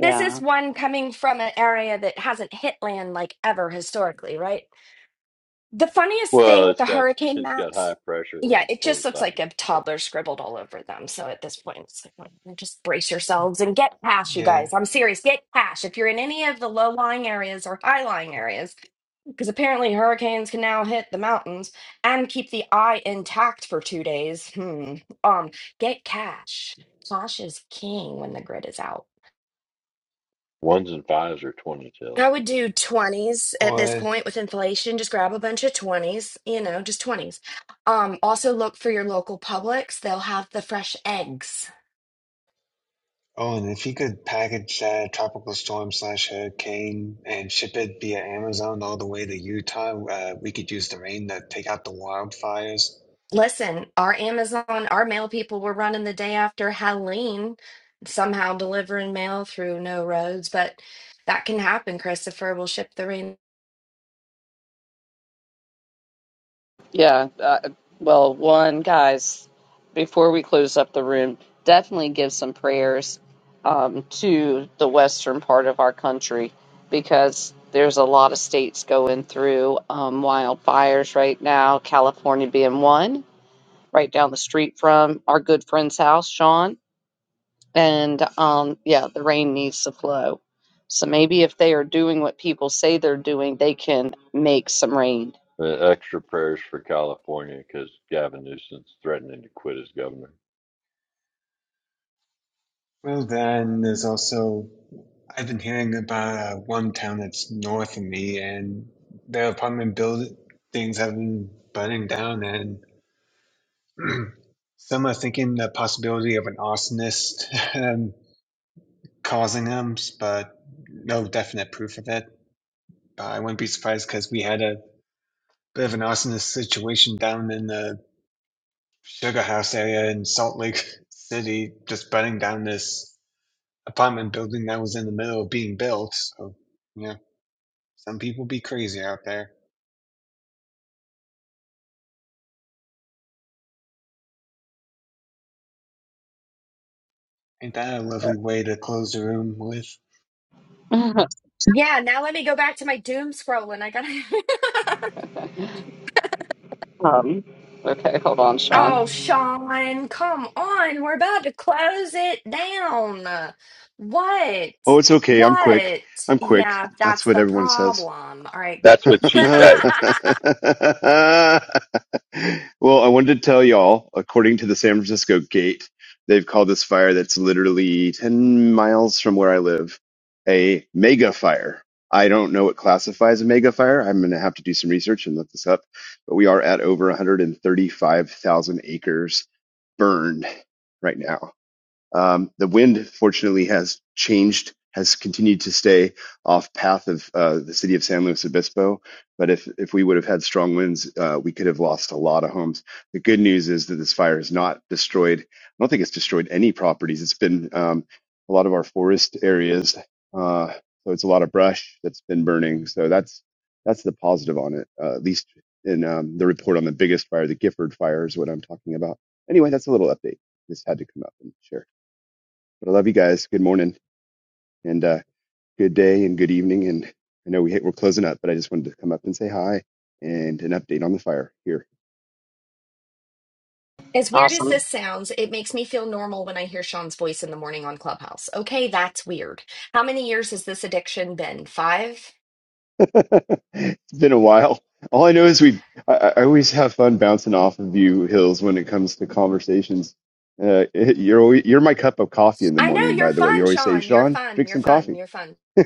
[SPEAKER 9] this is one coming from an area that hasn't hit land like ever historically, right? The funniest
[SPEAKER 4] Well,
[SPEAKER 9] thing with
[SPEAKER 4] it's
[SPEAKER 9] the
[SPEAKER 4] got
[SPEAKER 9] hurricane
[SPEAKER 4] it's got high
[SPEAKER 9] maps,
[SPEAKER 4] pressure
[SPEAKER 9] yeah,
[SPEAKER 4] on
[SPEAKER 9] it just
[SPEAKER 4] both
[SPEAKER 9] looks like
[SPEAKER 4] sides.
[SPEAKER 9] a
[SPEAKER 4] The
[SPEAKER 9] toddler scribbled all over them. So at this point, it's like, well, just brace yourselves and get cash, you
[SPEAKER 10] yeah
[SPEAKER 9] guys. I'm serious, get cash. If you're in any of the low lying areas or high lying areas, because apparently hurricanes can now hit the mountains and keep the eye intact for two days. Hmm. Um, get cash. Cash is king when the grid is out.
[SPEAKER 4] ones and fives are twenty tails.
[SPEAKER 9] I would do 20s at this
[SPEAKER 10] or.
[SPEAKER 9] point with inflation. Just grab a bunch of 20s, you know, just 20s. Um, also look for your local Publix. They'll have the fresh eggs.
[SPEAKER 10] Oh, and if he could package that tropical storm slash hurricane and ship it via Amazon all the way to Utah, uh, we could use the rain to take out the wildfires.
[SPEAKER 9] Listen, our Amazon, our mail people were running the day after Halloween, somehow delivering mail through no roads, but that can happen, Christopher. We'll ship the rain.
[SPEAKER 2] Yeah. Uh, well, one, guys, before we close up the room, definitely give some prayers um, to the western part of our country because there's a lot of states going through um, wildfires right now, California being one, right down the street from our good friend's house, Sean. And um, yeah, the rain needs to flow. So maybe if they are doing what people say they're doing, they can make some rain.
[SPEAKER 4] Uh, extra prayers for California because Gavin Newsom's threatening to quit as governor.
[SPEAKER 10] Well, then there's also I've been hearing about uh, one town that's north of me, and their apartment buildings have been burning down, and some are thinking the possibility of an arsonist um, causing them, but no definite proof of it. But I wouldn't be surprised because we had a bit of an arsonist situation down in the Sugar House area in Salt Lake City, just burning down this apartment building that was in the middle of being built. So, yeah, some people be crazy out there. Ain't that a lovely way to close the room with?
[SPEAKER 9] Yeah, now let me go back to my doom scrolling. I gotta
[SPEAKER 2] Um, okay, hold on,
[SPEAKER 9] Oh,
[SPEAKER 2] Sean.
[SPEAKER 9] Sean, come on. We're about to close it down. What?
[SPEAKER 11] Oh, it's okay. I'm quick.
[SPEAKER 9] What?
[SPEAKER 11] I'm quick.
[SPEAKER 9] Yeah,
[SPEAKER 11] That's
[SPEAKER 9] that's
[SPEAKER 11] what
[SPEAKER 9] the
[SPEAKER 11] everyone says.
[SPEAKER 9] problem. All right.
[SPEAKER 1] That's
[SPEAKER 11] well,
[SPEAKER 1] what she said.
[SPEAKER 11] I wanted to tell y'all, according to the San Francisco Gate, they've called this fire that's literally 10 miles from where I live a mega fire. I don't know what classifies a mega fire. I'm going to have to do some research and look this up. But we are at over 135,000 acres burned right now. Um, the wind, fortunately, has changed, has continued to stay off path of uh, the city of San Luis Obispo. But if, if we would have had strong winds, uh, we could have lost a lot of homes. The good news is that this fire has not destroyed, I don't think it's destroyed any properties. It's been um, a lot of our forest areas. Uh, so it's a lot of brush that's been burning. So that's that's the positive on it, uh, at least in um, the report on the biggest fire, the Gifford fire is what I'm talking about. Anyway, that's a little update. This had to come up and share. But I love you guys. Good morning and uh, good day and good evening. And I know we hit, we're closing up, but I just wanted to come up and say hi and an update on the fire here.
[SPEAKER 9] As weird as
[SPEAKER 2] Awesome.
[SPEAKER 9] this sounds, it makes me feel normal when I hear Sean's voice in the morning on Clubhouse. Okay, that's weird. How many years has this addiction been? Five?
[SPEAKER 11] it's been a while. All I know is we. I, I always have fun bouncing off of you, Hills, when it comes to conversations. Uh, you're always, you're my cup of coffee in the
[SPEAKER 9] I know
[SPEAKER 11] morning.
[SPEAKER 9] you're
[SPEAKER 11] By the way, you
[SPEAKER 9] fun,
[SPEAKER 11] always say,
[SPEAKER 9] Sean. You're
[SPEAKER 11] "Sean,
[SPEAKER 9] fun.
[SPEAKER 11] drink
[SPEAKER 9] You're
[SPEAKER 11] some
[SPEAKER 9] fun.
[SPEAKER 11] coffee."
[SPEAKER 9] You're fun.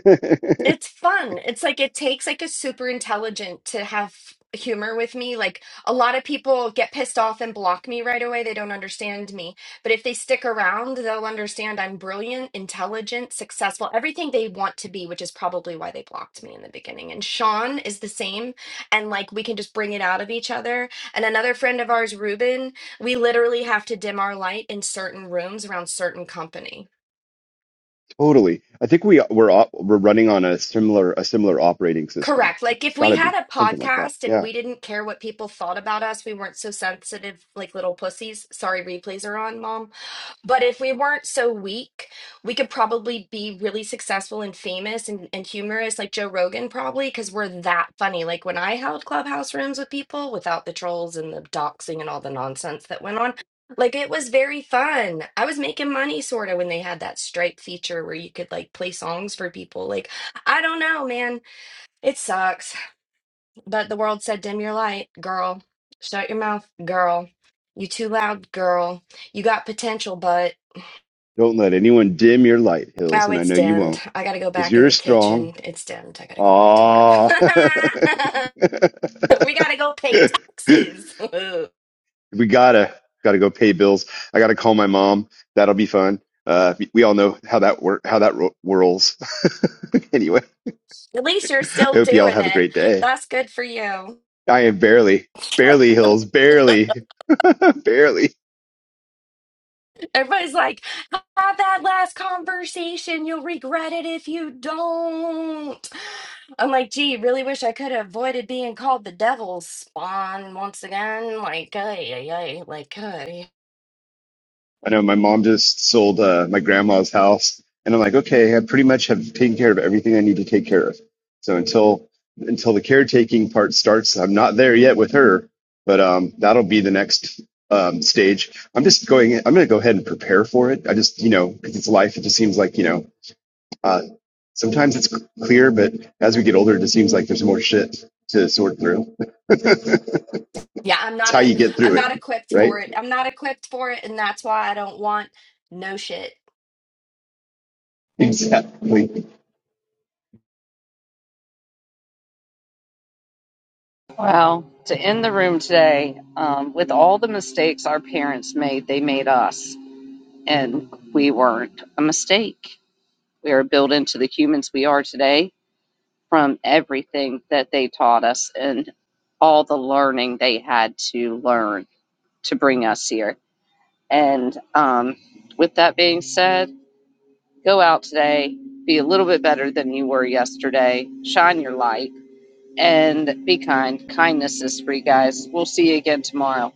[SPEAKER 9] It's fun. It's like it takes like a super intelligent to have humor with me. Like a lot of people get pissed off and block me right away. They don't understand me. But if they stick around, they'll understand I'm brilliant, intelligent, successful, everything they want to be, which is probably why they blocked me in the beginning. And Sean is the same. And like we can just bring it out of each other. And another friend of ours, Ruben, we literally have to dim our light in certain rooms around certain company
[SPEAKER 11] totally. I think we we're op- we're running on a similar a similar operating system.
[SPEAKER 9] Correct. Like
[SPEAKER 11] It's
[SPEAKER 9] if
[SPEAKER 11] got
[SPEAKER 9] we
[SPEAKER 11] to be
[SPEAKER 9] had a
[SPEAKER 11] something like that.
[SPEAKER 9] podcast and
[SPEAKER 11] Yeah
[SPEAKER 9] we didn't care what people thought about us, we weren't so sensitive like little pussies. Sorry, replays are on, mom. But if we weren't so weak, we could probably be really successful and famous and, and humorous, like Joe Rogan, probably, because we're that funny. Like when I held clubhouse rooms with people without the trolls and the doxing and all the nonsense that went on, like it was very fun. I was making money sort of when they had that Stripe feature where you could like play songs for people. Like, I don't know, man it sucks. But the world said, dim your light, girl. Shut your mouth, girl. You too loud, girl. You got potential, but
[SPEAKER 11] Don't let anyone dim your light, Hills,
[SPEAKER 9] oh,
[SPEAKER 11] and I
[SPEAKER 9] it's
[SPEAKER 11] know you
[SPEAKER 9] dimmed.
[SPEAKER 11] won't,
[SPEAKER 9] I gotta go
[SPEAKER 11] because
[SPEAKER 9] back in
[SPEAKER 11] you're
[SPEAKER 9] the
[SPEAKER 11] strong.
[SPEAKER 9] kitchen. It's dimmed. I gotta go back to work.
[SPEAKER 11] Ah,
[SPEAKER 9] we gotta go pay taxes.
[SPEAKER 11] we gotta gotta go pay bills. I gotta call my mom. That'll be fun. Uh, we all know how that work how that ro- whirls. anyway,
[SPEAKER 9] At least you're
[SPEAKER 11] I
[SPEAKER 9] still
[SPEAKER 11] hope y'all
[SPEAKER 9] doing
[SPEAKER 11] have a
[SPEAKER 9] it.
[SPEAKER 11] great day.
[SPEAKER 9] That's good for you.
[SPEAKER 11] I am barely, barely Hills, barely, barely.
[SPEAKER 9] Everybody's like, have that last conversation. You'll regret it if you don't. I'm like, gee, really wish I could have avoided being called the devil's spawn once again. Like, ay, ay, ay, like, ay.
[SPEAKER 11] I know my mom just sold uh, my grandma's house, and I'm like, okay, I pretty much have taken care of everything I need to take care of. So until until the caretaking part starts, I'm not there yet with her, but um, that'll be the next um, stage. I'm just going. I'm going to go ahead and prepare for it. I just, you know, because it's life. It just seems like you know. Uh, sometimes it's clear, but as we get older, it just seems like there's more shit to sort through. it's
[SPEAKER 9] yeah, I'm not
[SPEAKER 11] how
[SPEAKER 9] a,
[SPEAKER 11] you get
[SPEAKER 9] I'm
[SPEAKER 11] through
[SPEAKER 9] not
[SPEAKER 11] it,
[SPEAKER 9] equipped
[SPEAKER 11] right?
[SPEAKER 9] for it. I'm not equipped for it, and that's why I don't want no shit.
[SPEAKER 11] Exactly.
[SPEAKER 2] Well, to end the room today, um, with all the mistakes our parents made, they made us, and we weren't a mistake. We are built into the humans we are today from everything that they taught us and all the learning they had to learn to bring us here. And um, with that being said, go out today, be a little bit better than you were yesterday, shine your light and be kind. Kindness is free, guys. We'll see you again tomorrow.